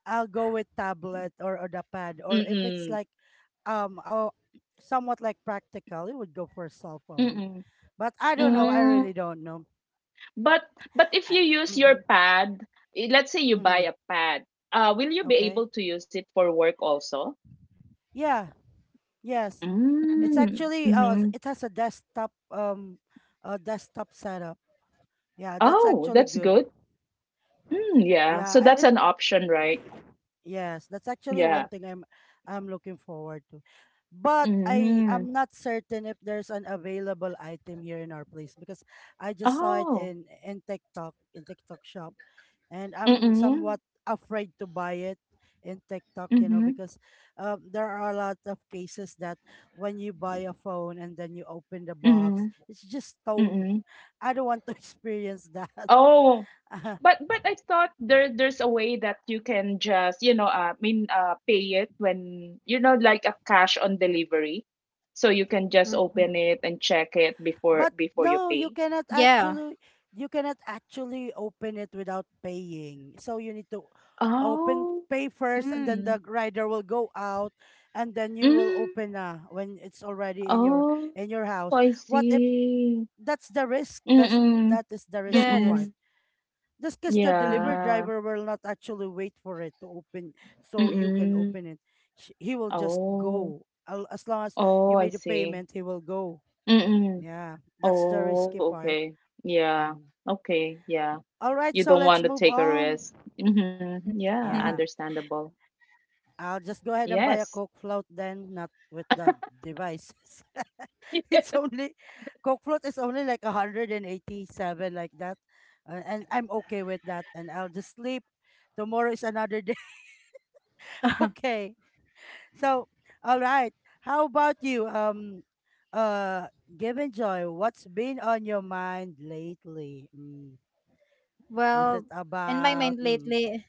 A: I'll go with tablet, or the pad, or if it's
B: Mm-mm.
A: like oh, somewhat like practical, it would go for a cell phone.
B: Mm-mm.
A: But I don't
C: Yeah.
A: know, I really
B: Mm.
A: don't know.
B: But but if
A: I,
B: you use your
A: mm-hmm.
B: pad, eh, let's say you buy
A: Mm-hmm.
B: a pad, will you be
A: Okay.
B: able to use it for work also?
A: Yeah. Yes. It's
C: Mm-hmm.
B: Mm.
A: actually
B: Mm-hmm.
A: it has a desktop, a desktop setup. Yeah, that's
B: Oh,
A: actually
B: that's
A: good.
B: good. Mm, yeah.
A: Yeah,
B: So that's
A: and
B: an option, right?
A: yes, that's actually one
B: Yeah.
A: thing I'm looking forward to. But I
B: Mm.
A: am not certain if there's an available item here in our place, because I just saw it
B: Oh.
A: in TikTok, in TikTok shop, and I'm
B: Mm-mm.
A: somewhat afraid to buy it in TikTok, you know,
B: Mm-hmm.
A: because there are a lot of cases that when you buy a phone and then you open the
B: Mm-hmm.
A: box, it's just stone.
B: Mm-hmm.
A: I don't want to <laughs> experience that.
B: Oh.
A: <laughs>
B: But I thought there's a way that you can just, you know, I mean pay it when, you know, like a cash on delivery. So you can just open it and check it
A: But
B: before you
A: no, you
B: pay.
A: cannot
C: Yeah.
A: actually open it without paying. So you need to open
B: Oh.
A: pay first, and then
C: Mm,
A: the rider will go out, and then you will
B: Mm.
A: open when it's already in your
B: Oh.
A: house.
B: I
A: What if
B: see.
A: that's the risk?
B: Mm-mm.
A: That is the risky
C: yes.
A: part.
B: Mm-mm.
A: Just because the
C: Mhm.
A: delivery
B: Yeah.
A: driver will not actually wait for it to open so you can
B: Mm-mm.
A: open it. He will just
B: Oh.
A: go. As long as
B: Oh,
A: you
B: I
A: made a
B: see.
A: payment, he will go.
B: Mm-mm.
A: Yeah, that's the
B: Oh,
A: risky part.
B: okay. Yeah.
A: Mm.
B: Okay. Yeah.
A: All right,
B: You
A: so
B: don't
A: let's
B: want to
A: move
B: take a
A: on.
B: risk. Mm-hmm. Yeah,
A: Yeah,
B: understandable.
A: I'll just go ahead and buy a
B: Yes.
A: Coke float then, not with the devices.
B: <laughs>
A: <laughs>
B: Yes.
A: It's only Coke float is only like 187, like that. And I'm okay with that, and I'll just sleep. Tomorrow is another day. <laughs>
C: <laughs>
A: Okay. So, all right. How about you? Given Joy, what's been on your mind lately? Mm. Is
C: well,
A: it
C: in my
A: about
C: mind
A: mm,
C: lately,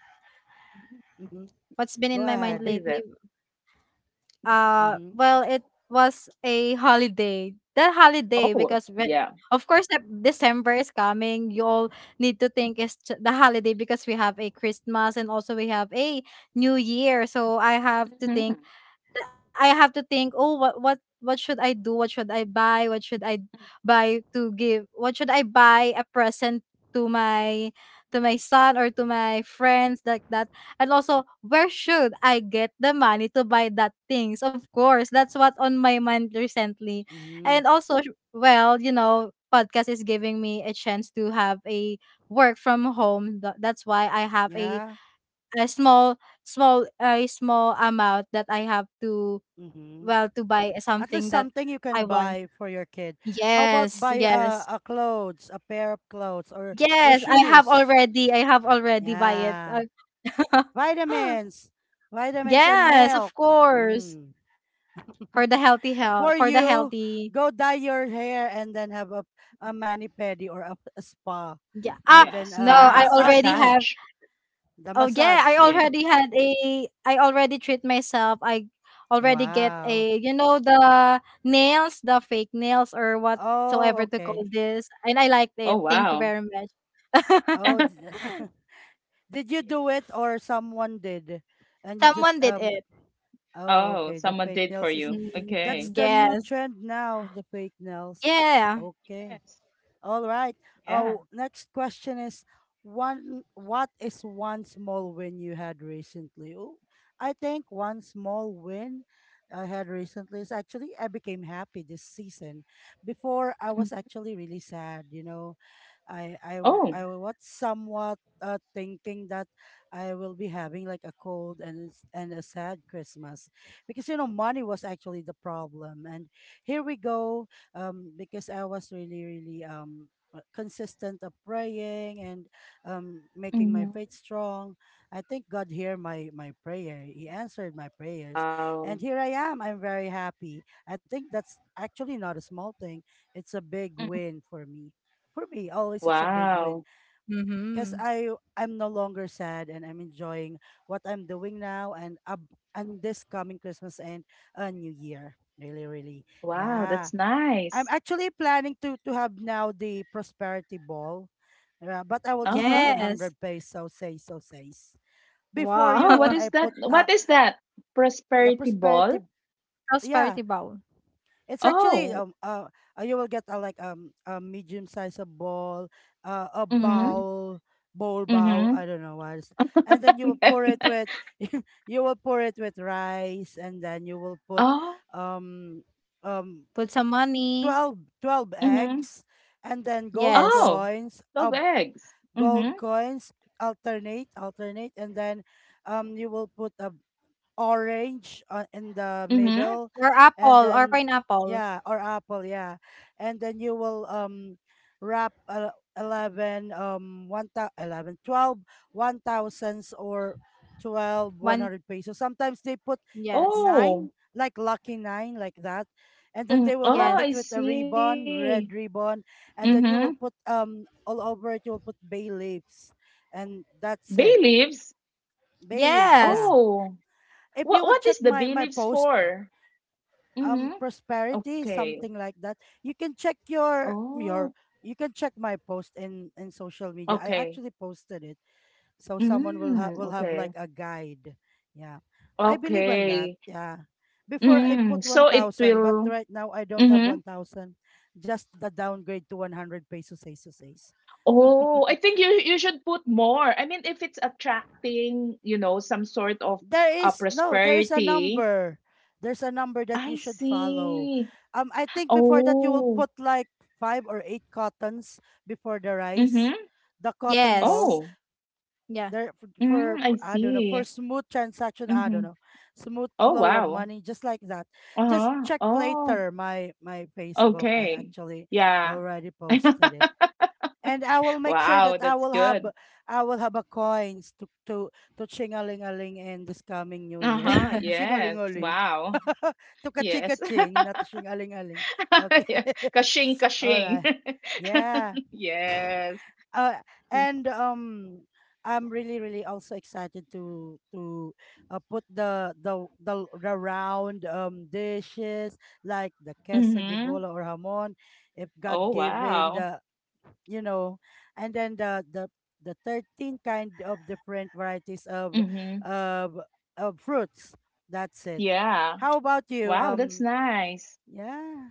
A: mhm.
C: what's been
A: Go
C: in my
B: What
C: mind
A: ahead.
B: is it?
C: lately.
A: Mm-hmm.
C: Well, it was a holiday. That holiday
B: Oh,
C: because when
B: yeah.
C: of course that December is coming, you all need to think it's the holiday because we have a Christmas and also we have a New Year. So
B: Hmm.
C: I have to think, oh, what should I do? What should I buy? What should I buy to give? What should I buy a present to my to my son or to my friends like that? And also, where should I get the money to buy that things? Of course, that's what on my mind recently.
A: Mm-hmm.
C: And also, well, you know, podcast is giving me a chance to have a work from home. That's why I have
A: Yeah.
C: a small small a small amount that I have to
A: Mm-hmm.
C: well to buy
A: At
C: something
A: least
C: that
A: something you
C: I
A: can
C: want.
A: buy for your kid. How about
C: Yes,
A: buy
C: yes.
A: a clothes, a pair of clothes or
C: Yes, I have
A: shoes?
C: already. I have already buy it.
A: Yeah.
C: <laughs>
A: Vitamins. Vitamins and
C: Yes, of
A: milk.
C: course.
A: Mm.
C: For the healthy health, for
A: For
C: the
A: you,
C: healthy.
A: go dye your hair and then have a mani pedi or a spa
C: Yeah. Ah,
A: and
B: Yeah,
A: then
C: no,
A: a
C: I
B: spa,
C: already
A: massage.
C: have.
B: massage.
A: The
C: Oh yeah,
A: massage.
B: Yeah.
A: <laughs>
C: I already treat myself. I already get
A: Wow.
C: a you know the nails, the fake nails or
A: Oh,
C: whatsoever to call
B: Mm.
A: okay.
C: this. And I liked
B: Oh,
C: it. Thank you
B: wow. <laughs>
C: very much.
A: Oh,
C: <laughs>
A: <laughs> did you
B: Yeah.
A: do it or someone did? And you just
C: Someone did it.
A: oh
B: Oh,
A: okay, the
B: someone
A: fake
B: did for
A: nails is
B: you.
C: Mm,
A: that's
B: Okay.
A: the new
C: yes.
A: trend now, the fake nails.
C: Yeah.
A: Okay.
B: Yes.
A: All right.
B: Yeah.
A: Oh, next question is one, what is one small win you had recently? Oh, I think one small win I had recently is actually I became happy this season. Before
B: Mm.
A: I was actually really sad, you know.
B: Oh.
A: I was somewhat thinking that I will be having like a cold and and a sad Christmas, because you know money was actually the problem, and here we go. Because I was really really consistent of praying, and making my
B: Mm-hmm.
A: faith strong. I think God heard my prayer, he answered my prayers,
B: Wow.
A: and here I am. I'm very happy. I think that's actually not a small thing, it's a big
B: Mm.
A: win for me. For me, always it's a big win,
B: Wow.
A: because
C: Mhm.
A: I'm no longer sad, and I'm enjoying what I'm doing now, and up and this coming Christmas, and a New Year. Really, really,
B: Wow,
A: yeah.
B: that's
A: I'm
B: nice.
A: actually planning to have now the prosperity ball, but I will just put
B: Uh-huh.
C: Yes.
A: 100 pesos, say so says. Before
C: Wow.
A: you
B: Oh,
A: know
B: what
A: what
C: <laughs>
B: is
A: I
B: that?
A: put
B: What is that?
A: the
B: Prosperity
A: prosperity,
B: ball?
C: Prosperity
A: yeah,
C: bowl.
A: it's actually
B: Oh.
A: you will get a like a medium size of ball, a
B: Mm-hmm.
C: Mhm.
A: bowl, bowl.
B: Mm-hmm.
A: I don't know what, and then you will pour it with
B: <laughs>
A: <laughs> you will pour it with rice, and then you will put
B: Oh.
A: um um
C: Put some money.
A: 12
B: Mm-hmm.
A: eggs, and then gold
C: Yes.
B: Oh.
A: coins,
B: 12 eggs.
A: gold
B: Mm-hmm.
A: coins alternate alternate, and then you will put a orange on in the
B: Mm-hmm.
A: middle,
C: Or
A: and
C: apple or
A: then
C: pineapple.
A: yeah or apple yeah, and then you will wrap 11 1 thou- 11 twelve one thousands, or 12 one
C: One.
A: hundred pesos, sometimes they put
C: Yes.
B: Oh.
A: 9, like lucky 9, like that. And then
B: Mm.
A: they will wrap
B: Oh,
A: it
B: I
C: Yes.
A: with a ribbon,
B: see.
A: red ribbon, and then
B: Mm-hmm.
A: you will put all over it you will put bay leaves, and that's
B: Bay
A: it.
B: leaves?
A: Bay leaves,
C: Yes.
A: yeah,
B: Oh.
A: if
B: What
A: you would
B: what is
A: check
B: the bay
A: my
B: leaves
A: post.
B: for? Mm-hmm.
A: Prosperity
B: Okay.
A: something like that, you can check
B: Oh.
A: you can check my post in social media. I
B: Okay.
A: actually posted it, so someone
B: Mm,
A: will have
B: okay.
A: like a guide, yeah. I believe in that,
B: Okay.
A: yeah. Before I put
B: So it
A: 1000, but
B: will
A: right now I don't have
B: mhm.
A: 1000, just the downgrade to 100 pesos, pesos, pesos.
B: Oh, I
A: <laughs>
B: think you should put more. I mean, if it's attracting, some sort of
A: There is no, there is a
B: prosperity.
A: number. There's a number that you
B: I
A: should follow.
B: see.
A: I think before that you will
B: Oh.
A: put like five or eight cottons before the rice,
B: Mhm.
A: the cotton balls.
C: Yes.
B: Oh.
C: Yeah.
A: There
B: I
A: for I don't know for
B: see.
A: smooth transaction. I don't
B: Mhm.
A: know, smooth
B: Oh,
A: flow of
B: wow.
A: money, just like that. Just
B: Uh-huh.
A: check
B: Oh.
A: later my Facebook. I
B: Okay.
A: actually
B: Yeah.
A: already posted it,
B: <laughs>
A: and I will make sure
B: Wow,
A: that
B: that's good.
A: I will have a coins to to chingalingaling in this coming new year.
B: Uh-huh.
A: <laughs>
B: Yes.
A: Chingalingaling.
B: Wow.
A: <laughs> To kaching
B: Yes. <laughs>
A: kaching, <laughs> not chingalingaling. Okay.
B: <laughs> Yeah. Kashing,
A: <laughs> All
B: kashing.
A: right. Yeah.
B: <laughs> Yes.
A: Uh, and I'm really really also excited to put the round dishes, like the queso de
B: Mm-hmm.
A: bola or hamon, if
B: Oh,
A: God given
B: wow.
A: the you know, and then the 13 kind of different varieties of
B: Mm-hmm.
A: of of fruits. That's it.
B: Yeah.
A: How about you,
B: Wow, that's nice.
A: yeah,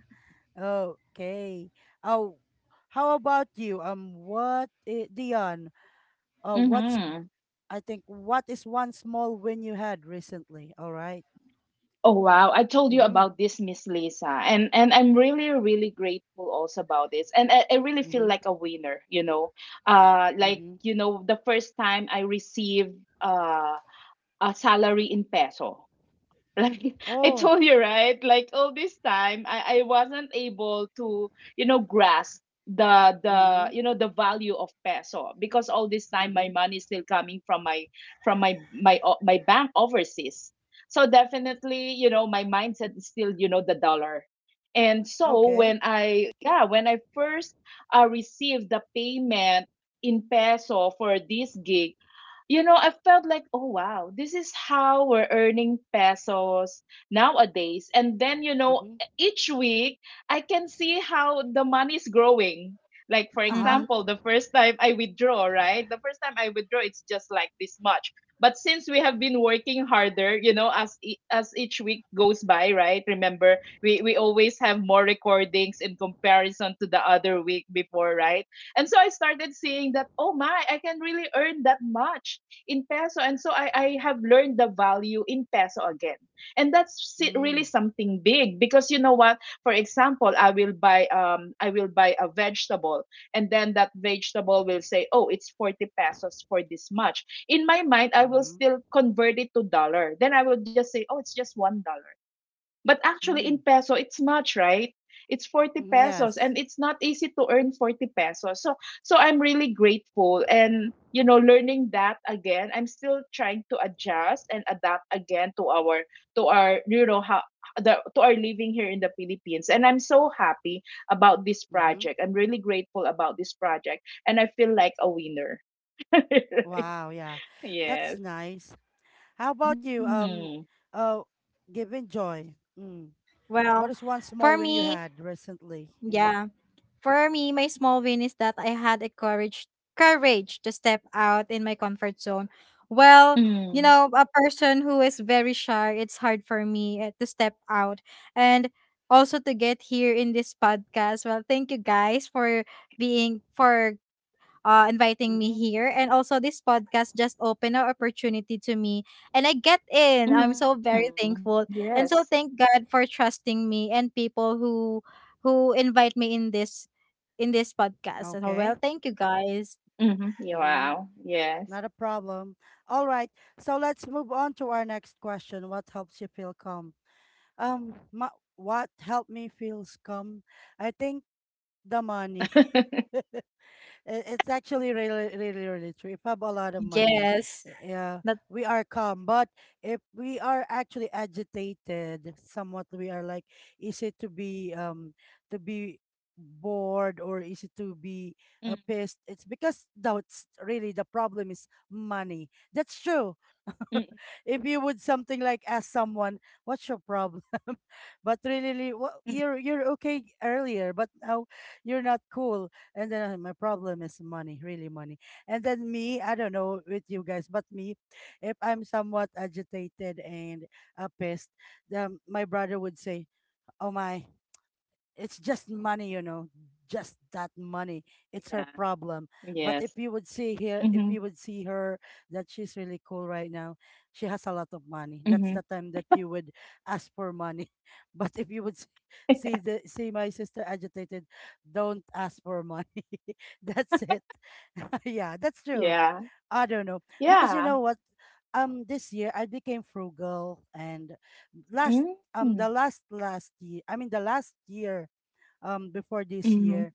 A: okay. Oh, how about you, Dion, what's
B: Mm-hmm.
A: I think what is one small win you had recently? All right.
B: Oh, wow. I told you
A: Mm-hmm.
B: about this, Miss Lisa. And I'm really, really grateful also about this. And I really feel
A: Mm-hmm.
B: like a winner. Like,
A: Mm-hmm.
B: the first time I received uh a salary in peso. Like <laughs> I
A: Oh,
B: told you, right? Like all this time, I wasn't able to grasp the
A: mm-hmm.
B: you know the value of peso because all this time my
A: Mm-hmm.
B: money is still coming from my from my bank overseas. So definitely, my mindset is still, the dollar. And so
A: Okay.
B: when I first received the payment in peso for this gig, I felt like, oh wow, this is how we're earning pesos nowadays. And then,
A: Mm-hmm.
B: each week I can see how the money is growing. Like, for
A: Uh-huh.
C: Mhm.
B: example, the first time I withdraw, right? The first time I withdraw, it's just like this much. But since we have been working harder, as each week goes by, right? Remember, we always have more recordings in comparison to the other week before, right? And so I started seeing that, oh my, I can really earn that much in peso. And so I have learned the value in peso again. And that's really
A: Mm.
B: something big because you know what? For example, I will buy a vegetable and then that vegetable will say, "Oh, it's 40 pesos for this much." In my mind, I will
A: Mm-hmm.
B: still convert it to dollar. Then I will just say, "Oh, it's just $1." But actually in
A: Mm.
B: peso it's much, right? It's 40
A: Mm,
B: pesos
A: yes.
B: and it's not easy to earn 40 pesos. So I'm really grateful and learning that again. I'm still trying to adjust and adapt again to our you know how the, to our living here in the Philippines. And I'm so happy about this
A: Mm-hmm.
B: project. I'm really grateful about this project and I feel like a winner. <laughs>
A: Wow, yeah. That's
B: Yes.
A: nice. How about you?
B: Mm,
A: Uh, giving Joy. Mm. What
C: Well,
A: is one
C: for
A: small win you
C: me,
A: had recently? Mm-hmm.
C: yeah. for me, my small win is that I had a courage to step out in my comfort zone. Well, you know,
B: mm,
C: a person who is very shy, it's hard for me to step out and also to get here in this podcast. Well, thank you guys for being for inviting me
A: Mm-hmm.
C: here. And also, this podcast just opened an opportunity to me, and I get in. I'm so very
B: mm,
C: thankful,
B: yes.
C: and so thank God for trusting me and people who invite me in this podcast. So, well,
A: Okay.
C: thank you guys.
B: Mm-hmm.
A: Mm-hmm.
B: Wow. Yes.
A: Not a problem. All right. So let's move on to our next question. What helps you feel calm? Um, my, what helped me feel calm? I think the money. <laughs>
B: <laughs>
A: It's actually really, really, really true. If I have a lot of money,
C: Yes,
A: yeah,
C: that.
A: we are calm. But if we are actually agitated, somewhat, we are like, is it to be bored, or is it to be
B: Mm,
A: pissed? It's because that's really the problem is money. That's true. <laughs>
B: mm,
A: If you would something like ask someone, "What's your problem?" <laughs> But really, well, you're
B: mm.
A: you're okay earlier, but now you're not cool. And then, my problem is money, really money." And then, me, I don't know with you guys, but me, if I'm somewhat agitated and pissed, my brother would say, "Oh my." It's just money, just that money. It's
B: Yeah.
A: her problem. But
B: Yes.
A: if you would see here, if
B: Mhm.
A: you would see her, that she's really cool right now. She has a lot of money. That's
B: Mhm.
A: the time that you would ask for money. <laughs> But if you would s- see
B: <laughs>
A: the see my sister agitated, don't ask for money. <laughs> That's it. <laughs> Yeah, that's true.
B: Yeah.
A: I don't know, because you
B: Yeah.
A: know what. This year I became frugal, and last
B: Mm.
A: the last last year, I mean the last year before this
B: Mhm.
A: year,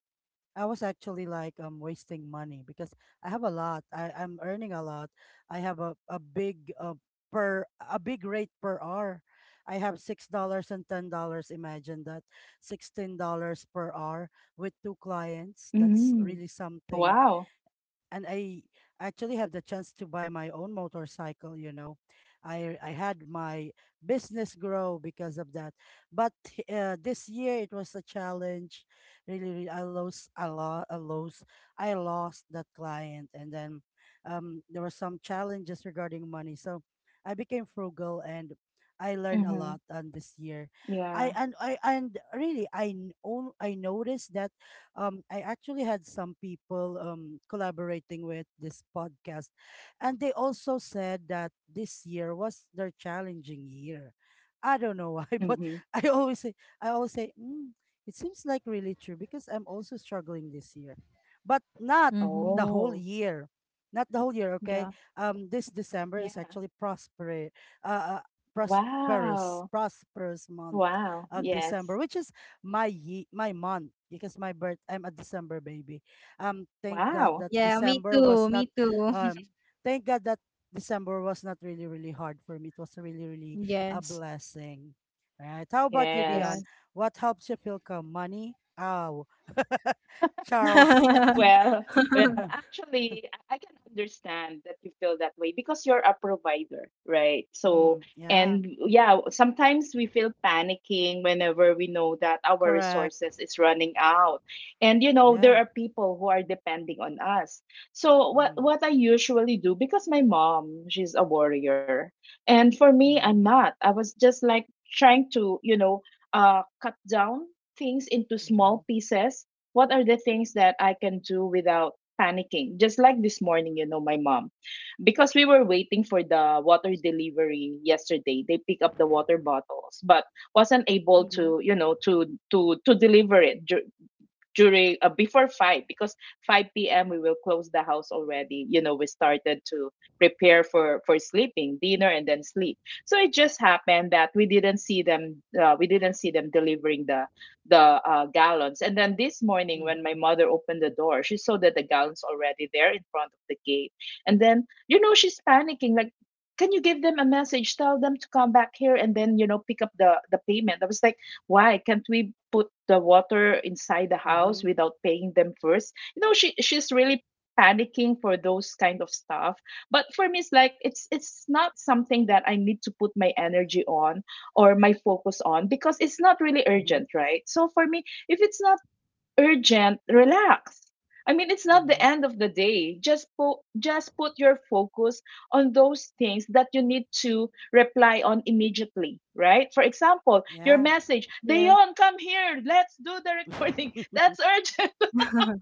A: I was actually like wasting money because I have a lot. I'm earning a lot. I have a big rate per hour. I have $6 and $10. Imagine that, $16 per hour with two clients. That's
B: Mhm.
A: really something,
B: Wow.
A: and I actually have the chance to buy my own motorcycle. I had my business grow because of that. But this year it was a challenge. Really, really, I lost a lot. I lost that client, and then there were some challenges regarding money. So I became frugal, and I learned a
B: Mhm.
A: lot on this year.
B: Yeah.
A: I and really I n- own I noticed that, I actually had some people, collaborating with this podcast, and they also said that this year was their challenging year. I don't know why, <laughs> but
B: Mhm.
A: I always say, I always say, it seems like really true, because I'm also struggling this year, but not
C: Hmm.
A: the whole
B: Oh.
A: year, not the whole year. Okay,
C: Yeah,
A: this December
B: Yeah.
A: is actually uh, uh, prosperous,
B: Wow.
A: prosperous month
B: Wow.
A: of December,
B: Yes.
A: which is my month because my birth I'm a December baby. Thank God
B: Wow.
A: that
C: yeah. Me
A: December was
C: too.
A: not
C: Me too. <laughs>
A: um thank God that December was not really really hard for me. It was really really a
C: Yes.
A: blessing. Right. How about you,
B: Yes.
A: Dion?
C: Yes.
A: What helps you feel calm? Money? Ow. <laughs> Charles.
C: <laughs>
B: Well,
A: <laughs>
B: well,
A: Yeah.
B: actually, I can understand that you feel that way because you're a provider, right? So,
A: Mm, yeah.
B: and yeah, sometimes we feel panicking whenever we know that our
A: Correct.
B: resources is running out. And you know, there
A: Yeah.
B: are people who are depending on us. So, what
A: Mm.
B: what I usually do because my mom, she's a warrior, and for me,
A: Mm-hmm.
B: I'm not. I was just like trying to cut down things into
A: Mm-hmm.
B: small pieces, what are the things that I can do without panicking? Just like this morning, my mom, because we were waiting for the water delivery yesterday, they pick up the water bottles, but wasn't able
A: Mm-hmm.
B: to, you know, to deliver it during before 5, because 5 p.m. we will close the house already. We started to prepare for sleeping dinner and then sleep. So it just happened that we didn't see them we didn't see them delivering the the gallons. And then this morning when
A: Mm-hmm.
B: my mother opened the door, she saw that the gallons already there in front of the gate. And then she's panicking like, can you give them a message, tell them to come back here, and then pick up the payment. I was like, why can't we put the water inside the house
A: Mm-hmm.
B: without paying them first? She's really panicking for those kind of stuff. But for me it's like it's not something that I need to put my energy on or my focus on, because it's not really
A: Mm-hmm.
B: urgent, right? So for me, if it's not urgent, relax. I mean, it's not the
A: Mm-hmm.
B: end of the day. Just put, just put your focus on those things that you need to reply on immediately, right? For example, your
A: Yeah.
B: message,
C: yes.
B: Dayon, come here, let's do the recording. <laughs> That's
A: <laughs>
B: urgent.
C: <laughs>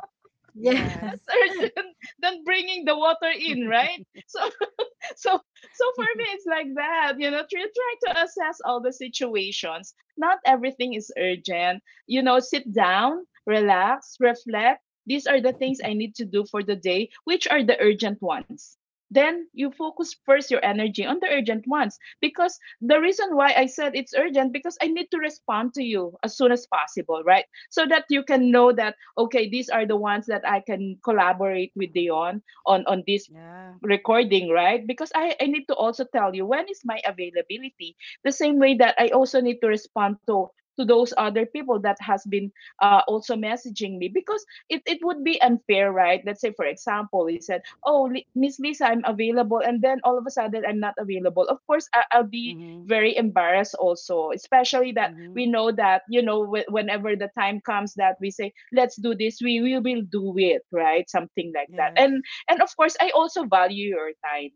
B: <laughs>
C: yeah.
B: That's
A: Yes.
C: <laughs>
B: urgent <laughs> than bringing the water in, right?
A: <laughs>
B: So <laughs> so so for me it's like that, you know, try to assess all the situations. Not everything is urgent. Sit down, relax, reflect, these are the things I need to do for the day, which are the urgent ones. Then you focus first your energy on the urgent ones, because the reason why I said it's urgent because I need to respond to you as soon as possible, right? So that you can know that okay, these are
A: Okay.
B: the ones that I can collaborate with Dion on this
A: Yeah.
B: recording, right? Because I need to also tell you when is my availability. The same way that I also need to respond to those other people that has been also messaging me, because it would be unfair, right? Let's say, for example, he said, oh, Miss Lisa, I'm available, and then all of a sudden I'm not available. Of course, I'll be
A: Mm-hmm.
B: very embarrassed also, especially that
A: Mm-hmm.
B: we know that whenever the time comes that we say let's do this, we will do it, right? Something like that.
A: Yes.
B: And of course, I also value your time.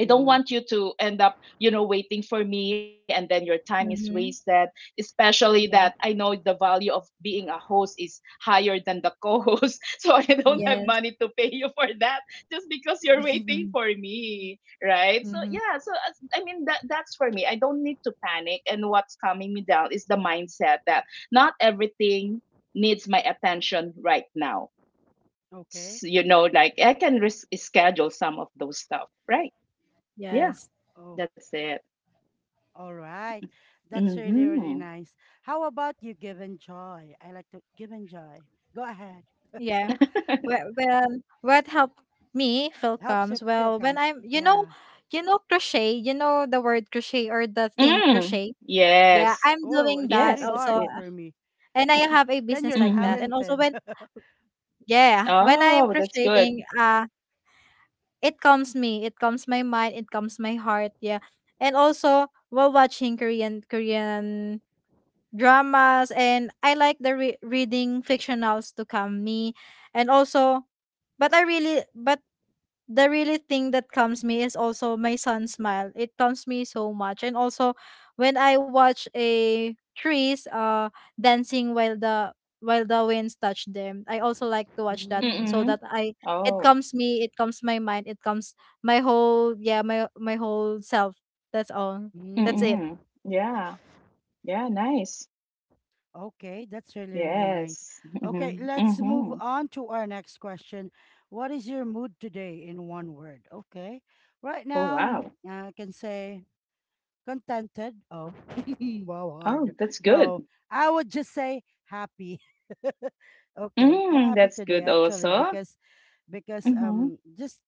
B: I don't
A: Mm-hmm.
B: want you to end up, waiting for me and then your time is
C: Mm-hmm.
B: wasted, especially that I
C: Yes.
B: know the value of being a host is higher than the <laughs> co-host. So I don't have
A: Mm-hmm.
C: Yes.
B: money to pay you for that just because you're waiting
C: <laughs>
B: for me, right? So
C: Mm-hmm.
B: yeah, I mean that's for me. I don't need to panic, and what's calming me down is the mindset that not everything needs my attention right now.
A: Okay.
B: Like I can schedule some of those stuff, right? Yeah,
C: Yes.
A: Oh,
B: that's it.
A: all right. That's really,
B: Mm-hmm.
A: really nice. How about you, give joy? I like to give joy. Go ahead.
C: Yeah. Well,
A: W-
C: what helped me feel
A: Helps you
C: calms?
A: feel
C: Well, when
A: calm.
C: I'm,
A: Yeah.
C: you know, crochet, you know, the word crochet or the thing
B: Mm.
C: crochet. Yeah,
B: Yes,
C: I'm
A: Oh,
C: doing
A: it's
C: that
A: really
B: yes
C: also,
A: hard
B: with
A: for me.
C: and I have a
A: Then
C: business
A: you're
C: like that.
B: mm-hmm.
C: And also
A: talented.
C: when,
A: <laughs>
C: yeah, when I'm
B: Oh, that's
C: crocheting,
B: good.
C: it calms me. It calms my mind. It calms my heart. Yeah, and also while watching Korean dramas, and I like the reading fictionals to calm me, and also but I really but the really thing that calms me is also my son's smile. It calms me so much. And also when I watch a trees dancing while the winds touch them. I also like to watch that
A: Mm-hmm.
C: so
B: Mm-hmm.
C: that I it
B: Oh.
C: calms me, it calms my mind, it calms my whole yeah, my whole self. That's all. That's it.
B: Mm-hmm. Yeah, yeah, nice.
A: Okay, that's really, really nice.
B: Yes.
A: Okay,
B: Mm-hmm.
A: let's move
B: Mm-hmm.
A: on to our next question. What is your mood today in one word? Okay, right
B: Oh,
A: now
B: wow.
A: I can say contented. Oh, <laughs> wow, hard.
B: Oh, that's good.
A: No, I would just say happy. <laughs> Okay, I'm
B: Mm,
A: happy
B: that's
A: today
B: good
A: actually
B: also.
A: because because
B: Mm-hmm.
A: um just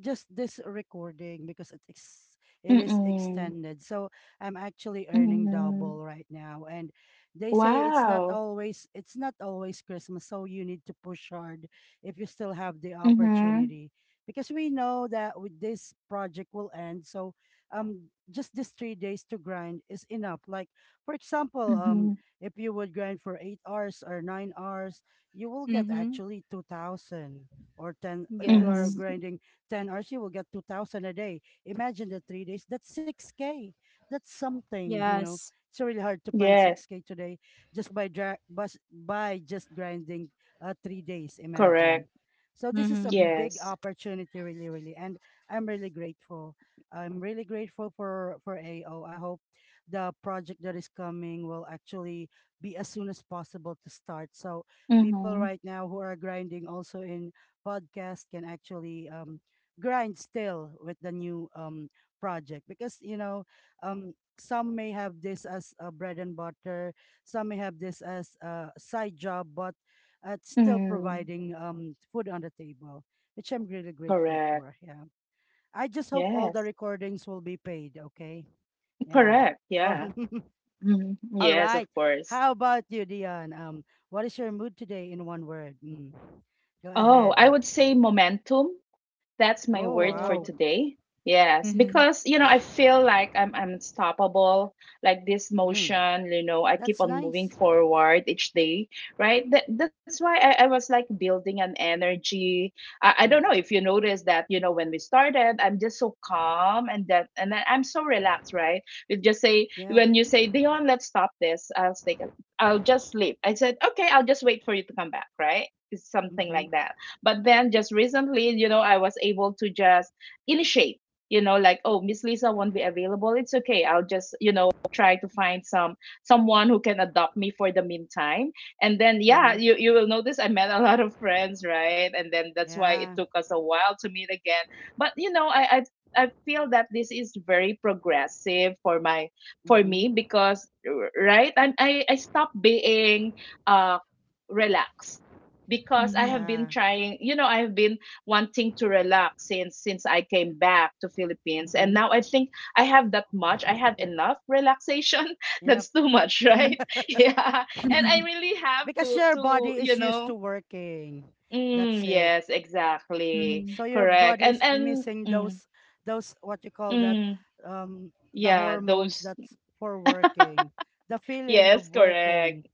A: just this recording, because it is
B: Mm-hmm.
A: extended. So I'm actually earning
B: Mm-hmm.
A: double right now. And they say it's not
B: Wow.
A: always it's not always Christmas, so you need to push hard if you still have the
B: Mm-hmm.
A: opportunity. Because we know that with this project will end. So just these 3 days to grind is enough. Like for example,
B: Mm-hmm.
A: if you would grind for 8 hours or 9 hours, you will get
C: Mhm.
A: actually 2,000, or ten if you are
C: Yes.
B: Mm-hmm.
A: grinding 10 hours, you will get 2,000 a day. Imagine the 3 days, that's 6K. That's something.
C: Yes.
A: It's really hard to find
B: Yes,
A: 6K today just by, dra- bus- by just grinding 3 days. Imagine.
B: correct.
A: So this is a
C: Mhm.
A: big
B: Yes.
A: opportunity, really, really. And I'm really grateful. I'm really grateful for, AO. I hope the project that is coming will actually be as soon as possible to start. So people
B: Mm-hmm.
A: right now who are grinding also in podcast can actually grind still with the new project, because um some may have this as a bread and butter, some may have this as a side job, but it's still
B: Mm,
A: providing food on the table, which I'm really grateful
B: correct.
A: for. Yeah, I just hope all
B: Yes.
A: the recordings will be paid. Okay. Yeah.
B: Correct. Yeah.
A: um,
B: Mhm.
A: <laughs> all
B: Yes, of
A: right.
B: course.
A: How about you, Dion? What is your mood today in one word? Mm. Go
B: Oh, I
A: ahead.
B: would say momentum. That's my
A: Oh
B: word for
C: Wow.
A: wow.
B: today. Yes,
C: Mhm.
B: because you know I feel like I'm unstoppable. Like this
A: Mm.
B: motion, you know, I keep
A: That's
B: on moving
A: nice.
B: forward each day, right? That that's why I was like building an energy. I don't know if you
A: Hmm.
B: noticed that, you know, when we started, I'm just so calm and that and then I'm so relaxed, right? You just say
A: Yeah.
B: when you say, Dion, let's stop this. I'll take a, I'll just sleep. I said, okay, I'll just wait for you to come back, right? It's something
A: Mm-hmm.
B: like that. But then just recently, you know, I was able to just initiate, you know, like, oh, Miss Lisa won't be available. It's okay. I'll just, you know, try to find some someone who can adopt me for the meantime. And then yeah, you,
A: Mm-hmm.
B: you will notice I met a lot of friends, right? And then that's why it
A: Yeah.
B: took us a while to meet again. But you know, I feel that this is very progressive for my for
A: Mm-hmm.
B: me because right I stopped being uh relaxed, because I have
C: Mhm.
B: been
A: Yeah.
B: trying, you know, I have been wanting to relax since I came back to Philippines, and
A: Mm-hmm.
B: now I think I have that much. I have enough
A: <laughs>
B: relaxation.
A: Enough.
B: <laughs> That's too much,
C: Mhm.
B: right? <laughs> Yeah. And I
A: <laughs>
B: really
A: Because
B: have
A: your
B: to
A: body
B: to,
A: is
B: you
A: used to
B: know,
A: working. That's
B: mm,
A: it.
B: yes,
C: Mhm.
B: exactly.
C: Mhm.
A: So your
B: Correct.
A: body is
B: And
A: missing
B: mm,
A: those what you call that,
B: mm,
A: the
B: yeah,
A: hormones
B: those.
A: that's for working. The feeling of
B: Yes,
A: working.
B: correct.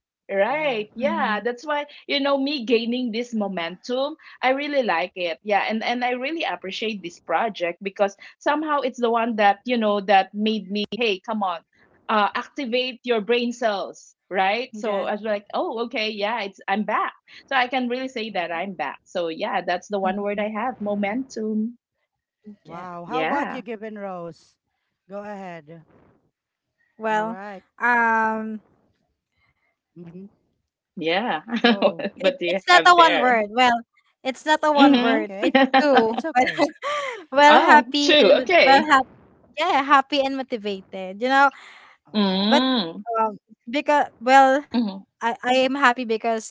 A: Yeah.
B: Right. Yeah,
C: <laughs>
B: that's why, you know, me gaining this momentum, I really like it. Yeah, and I really appreciate this project because somehow it's the one that, you know, that made me, hey, come on. Activate your brain cells, right? So
C: Yeah.
B: I was like, oh, okay, yeah, it's I'm back. So I can really say
A: Mhm.
B: that I'm back. So yeah, that's the one word
C: Mhm.
B: I have, momentum.
C: Yeah.
A: Wow. How about you,
B: Yeah.
A: Given Rose? Go ahead. All
C: Well,
A: right.
C: um,
A: Mm-hmm.
B: Yeah. <laughs>
A: Go.
B: What
C: it
B: do you
C: it's
B: have
C: not a one
B: there?
C: word. Well, it's not a
A: Uh,
C: one
B: Mm-hmm.
C: word.
A: okay.
C: It's
B: <laughs>
A: It's
C: two. <laughs>
A: okay.
C: Well, well,
B: Oh,
C: happy
B: two.
C: and
B: Okay.
C: well, happy. Yeah, happy and motivated. You know,
A: Uh,
C: but
B: Mm,
C: um, because well,
B: mhm,
C: I am happy because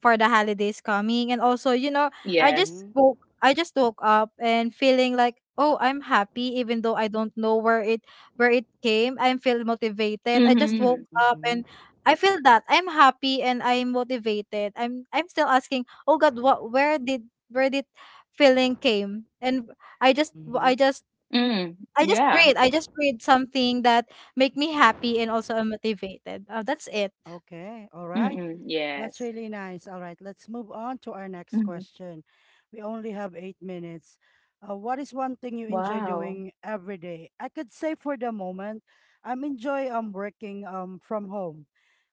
C: for the holidays coming. And also, you know,
B: yes.
A: Mm-hmm.
C: I just woke up and feeling like, oh, I'm happy even though I don't know where it came. I'm feel motivated. I just woke
B: Mhm,
C: up
A: Mm-hmm.
C: and I feel that I'm happy and I'm motivated. I'm still asking, oh God, what where did feeling came? And I just I
A: Mm-hmm.
C: just
B: mm,
C: I just
B: yeah,
C: read. I just read something that make me happy and also I'm motivated. That's it.
A: Okay. All right.
B: mm,
A: That's really
B: yes.
A: nice. All right, let's move on to our next question.
B: Mhm,
A: We only have 8 minutes. What is one thing you enjoy doing
B: wow.
A: every day? I could say for the moment, I'm enjoy working from home.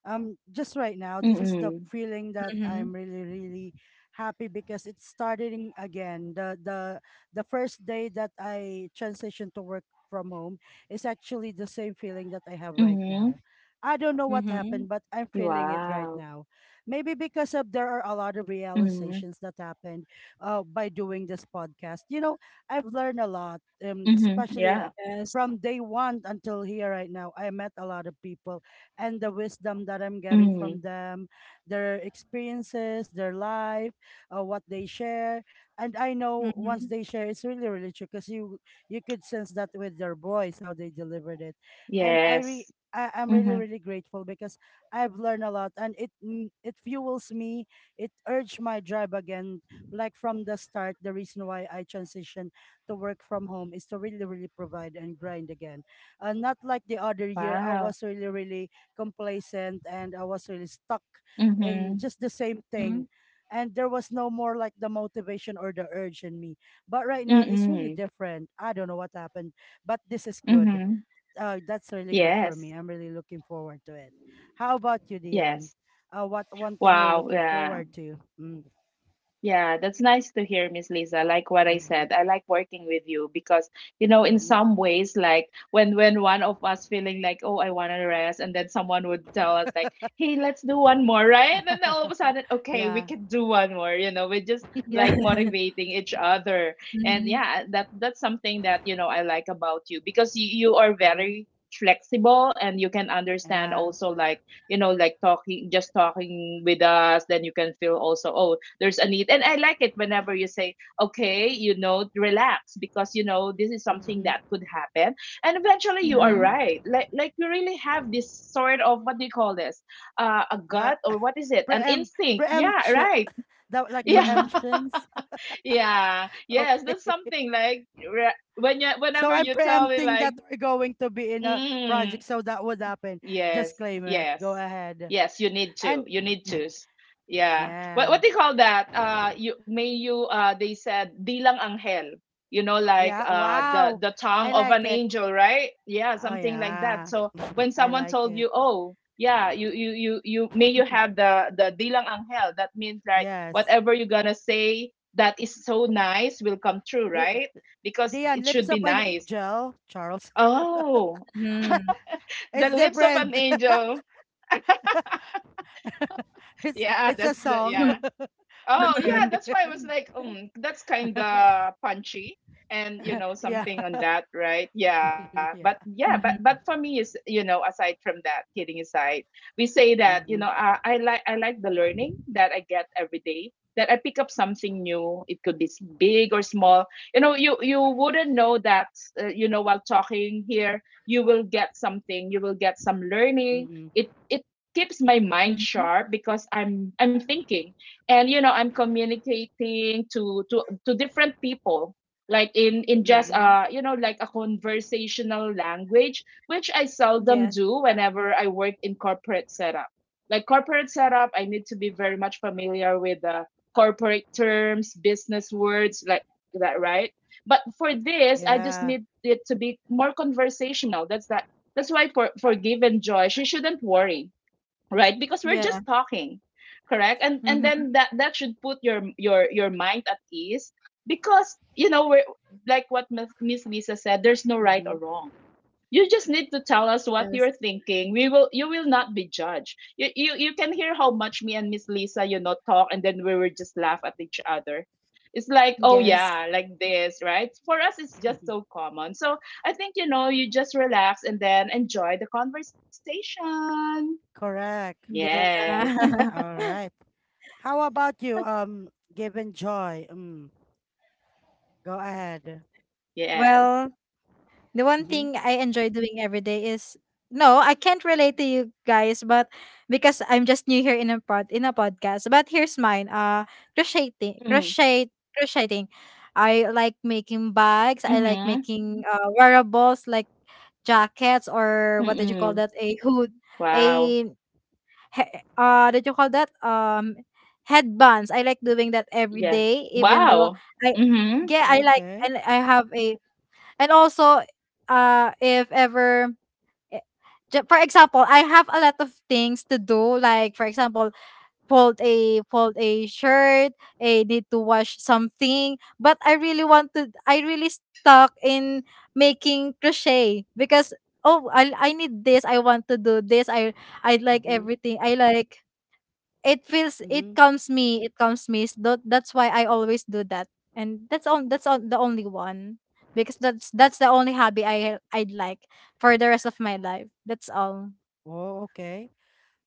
A: Just right now, this is the
B: Mm,
A: feeling that
C: Mm-hmm.
A: I'm really really happy because it's starting again. The the first day that I transitioned to work from home is actually the same feeling that I have
B: mhm,
A: right now. I don't know what
C: Mm-hmm.
A: happened, but I'm feeling it
B: wow.
A: right now, maybe because of there are a lot of
B: Mhm,
A: realizations that happened, by doing this podcast. You know, I've learned a lot,
B: mhm,
A: especially,
B: yeah.
C: Yes.
A: from day one until here right now. I met a lot of people, and the wisdom that I'm getting from
B: Mm,
A: them, their experiences, their life, what they share, and I know once
C: Mm-hmm.
A: they share, it's really really true because you could sense that with their voice how they delivered it, and I re.
B: yes.
A: I'm really,
B: Mhm,
A: really grateful because I've learned a lot, and it fuels me. It urged my drive again. Like from the start, the reason why I transitioned to work from home is to really, really provide and grind again. Not like the other year, I
B: wow.
A: was really, really complacent, and I was really stuck in
B: Mhm,
A: just the same
C: Mm-hmm.
A: thing. And there was no more like the motivation or the urge in me. But right now, it's really
B: mm,
A: different. I don't know what happened, but this is good.
B: mhm,
A: Oh, that's really good for me.
B: yes,
A: I'm really looking forward to it. How about you, Dion?
B: yes.
A: What one thing you're
B: Wow,
A: looking
B: yeah.
A: forward to? Mm.
B: Yeah, that's nice to hear, Miss Lisa. Like what I
A: Mm-hmm.
B: said, I like working with you because, you know, in
A: Mm-hmm.
B: some ways, like when one of us feeling like, oh, I want to rest, and then someone would tell us like, hey, let's do one more, right? And then all of a sudden,
A: <laughs>
B: okay, we
A: Yeah.
B: can do one more. You know, we're just like
C: Yeah. <laughs>
B: motivating each other, and
C: Mm-hmm.
B: yeah, that's something that you know I like about you because you are
A: Mm-hmm.
B: very flexible and you can understand
A: Yeah.
B: also like you know like talking just talking with us, then you can feel also, oh, there's a need, and I like it whenever you say, okay, you know, relax, because you know this is something
A: Mm-hmm.
B: that could happen, and eventually you are
A: Yeah.
C: Mm-hmm.
B: right, like you really have this sort of, what do you call this, a
A: The
B: gut, or
A: <laughs>
B: what is it, an
A: preempt
B: instinct, yeah,
A: preemption,
B: right?
A: that
B: <laughs>
A: like
B: yeah
C: Mm-hmm.
A: preemptions.
B: yeah,
A: <laughs>
B: yes,
A: Okay,
B: that's something like when you,
A: so
B: whenever
A: I'm
B: you tell me
A: preempting
B: like
A: that we're going to be in a
B: mm,
A: project, so that would happen. Just
B: yes,
A: claim it. Go
B: yes,
A: ahead.
B: yes. You need to.
A: And
B: You need to.
A: <laughs>
B: Yeah.
A: yeah,
B: What do you call that? You may you. They said bilang anghel. You know, like,
A: yeah. Wow,
B: the tongue
A: I
B: of
A: like
B: an
A: it.
B: angel, right? Yeah,
A: Oh
B: something like that.
A: yeah,
B: So when
A: <laughs> I
B: someone
A: like
B: told
A: it.
B: you, oh, yeah, you may you have the bilang anghel. That means like
A: Yes,
B: whatever you're gonna say that is so nice will come true,
A: L-
B: right? Because
A: Dion,
B: it
A: lips
B: should
A: of
B: be
A: an
B: nice.
A: angel, Charles.
B: Oh,
C: Mm-hmm.
B: <laughs>
A: <laughs>
B: the
A: It's
B: lips of
A: different.
B: an angel.
A: <laughs> It's
B: Yeah,
A: it's a
B: that's the,
A: song.
B: yeah.
A: <laughs>
B: Oh
A: Okay.
B: yeah, that's
C: <laughs>
A: <laughs>
B: why I was like, that's kind of punchy, and you know
A: Yeah.
B: something on that, right? Yeah, but
A: <laughs> Yeah.
B: yeah, but
C: Mm-hmm.
B: for me is, you know, aside from that, kidding aside, we say that, you know,
A: Mhm.
B: I like the learning that I get every day, that I pick up something new. It could be big or small. You know, you wouldn't know that, you know, while talking here, you will get something, you will get some learning.
A: Mhm.
B: It keeps my
C: Mm-hmm.
B: mind sharp, because I'm thinking, and you know, I'm communicating to to different people, like in just,
A: Mhm.
B: you know, like a conversational language, which I seldom
C: Yes.
B: do. Whenever I work in corporate setup, like corporate setup, I need to be very much familiar with the corporate terms, business words, like that, right? But for this, I just need
A: Yeah.
B: it to be more conversational. That's why for Give and Joy, she shouldn't worry, right, because we're just
C: Yeah.
B: talking. Correct. And
C: Mm-hmm.
B: then that should put your your mind at ease, because you know we're like what Miss Lisa said, there's no right or
A: Mhm.
B: wrong. You just need to tell us what
C: Yes.
B: you're thinking. We will, you will not be judged. You can hear how much me and Miss Lisa, you know, talk, and then we will just laugh at each other. It's like, oh
C: Yes.
B: yeah, like this, right? For us, it's just
A: Mhm.
B: so common. So I think, you know, you just relax and then enjoy the conversation.
A: Correct.
B: Yes. <laughs>
C: Yeah. <laughs>
A: All right. How about you? Given Joy. Mm. Go ahead.
B: Yes.
C: well, the one
A: Mhm.
C: thing I enjoy doing every day is no, I can't relate to you guys, but because I'm just new here in a podcast. But here's mine.
B: Mm.
C: Crocheting crochet crocheting. I like making bags. I
B: Mhm.
C: like making wearables like jackets or what did you
B: Mm-mm.
C: call that? A hood
B: Wow.
C: a he- that you call that headbands. I like doing that every
B: Yeah.
C: day even though
B: Wow.
C: I
B: Mhm.
C: yeah
A: Okay.
C: I have a. And also if ever eh, for example I have a lot of things to do like for example fold a shirt. I need to wash something but I really want to I really stuck in making crochet because oh I need this I want to do this I like
A: Mhm.
C: everything I like it feels
A: Mhm.
C: it calms me so that's why I always do that and that's on the only one because that's the only hobby I'd like for the rest of my life. That's all.
A: Oh, okay.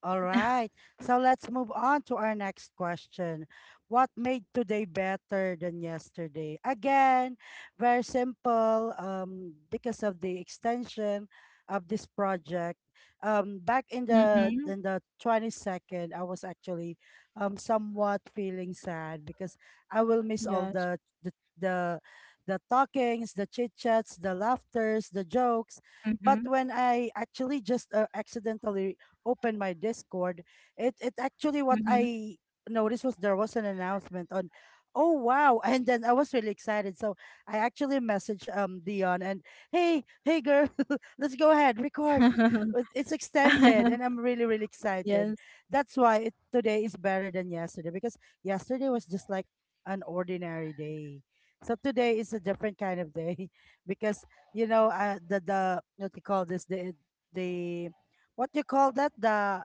A: All
C: <laughs>
A: right. So let's move on to our next question. What made today better than yesterday? Again, very simple. Because of the extension of this project. Back in the
C: Mm-hmm.
A: in the 22nd, I was actually somewhat feeling sad because I will miss all
C: Yes.
A: the the the talkings, the chit chats, the laughters, the jokes. But
C: Mm-hmm.
A: when I actually just accidentally open my Discord, it actually what
C: Mm-hmm.
A: I noticed was there was an announcement on. Oh wow, <laughs> and then I was really excited, so I actually messaged Dion, and hey girl, <laughs> let's go ahead record. <laughs>
C: <laughs>
A: It's extended, and I'm really really excited.
C: Yes.
A: That's why today is better than yesterday, because yesterday was just like an ordinary day, so today is a different kind of day. <laughs> Because the what you call this, the what you call that, the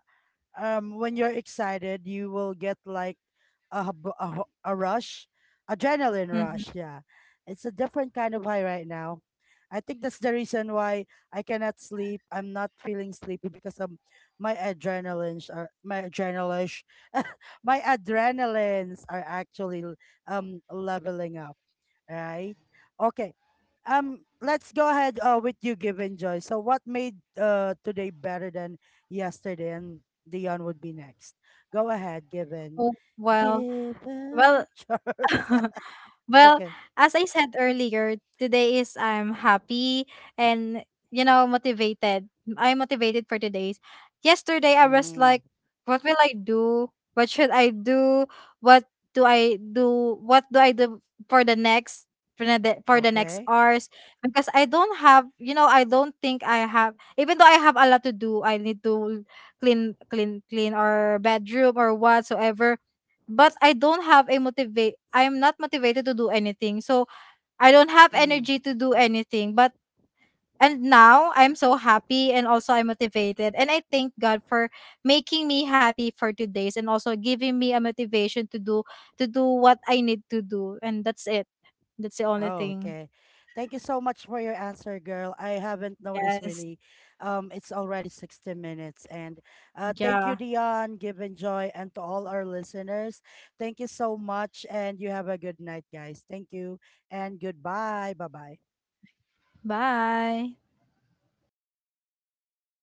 A: when you're excited, you will get like a hub- a, ho- a rush. Adrenaline
C: Mm-hmm.
A: rush. Yeah. It's a different kind of high right now. I think that's the reason why I cannot sleep. I'm not feeling sleepy because of my adrenalines <laughs> my adrenalines are actually leveling up. Right. Okay. Let's go ahead, with you, Given Joy. So, what made today better than yesterday? And Dion would be next. Go ahead, Given.
C: oh well well
A: Given, <laughs>
C: <laughs>
A: Charles.
C: Well,
A: Okay.
C: as I said earlier, today is I'm happy and you know motivated. I'm motivated for today's. Yesterday I was
A: Mm,
C: like, what will I do? What should I do? What What do I do for the for the next
A: okay.
C: hours? Because I don't have, you know, I don't think I have. Even though I have a lot to do, I need to clean our bedroom or whatsoever but I don't have a motivate I'm not motivated to do anything. So I don't have
A: Mm.
C: energy to do anything. But and now I'm so happy and also I'm motivated. And I thank God for making me happy for today's and also giving me a motivation to do what I need to do. And that's it. That's the only
A: Oh,
C: thing.
A: okay. Thank you so much for your answer, girl. I haven't noticed
C: Yes.
A: really. It's already 60 minutes. And thank you,
C: Yeah.
A: Dion, Given Joy, and to all our listeners. Thank you so much. And you have a good night, guys. Thank you. And goodbye. Bye bye.
C: Bye.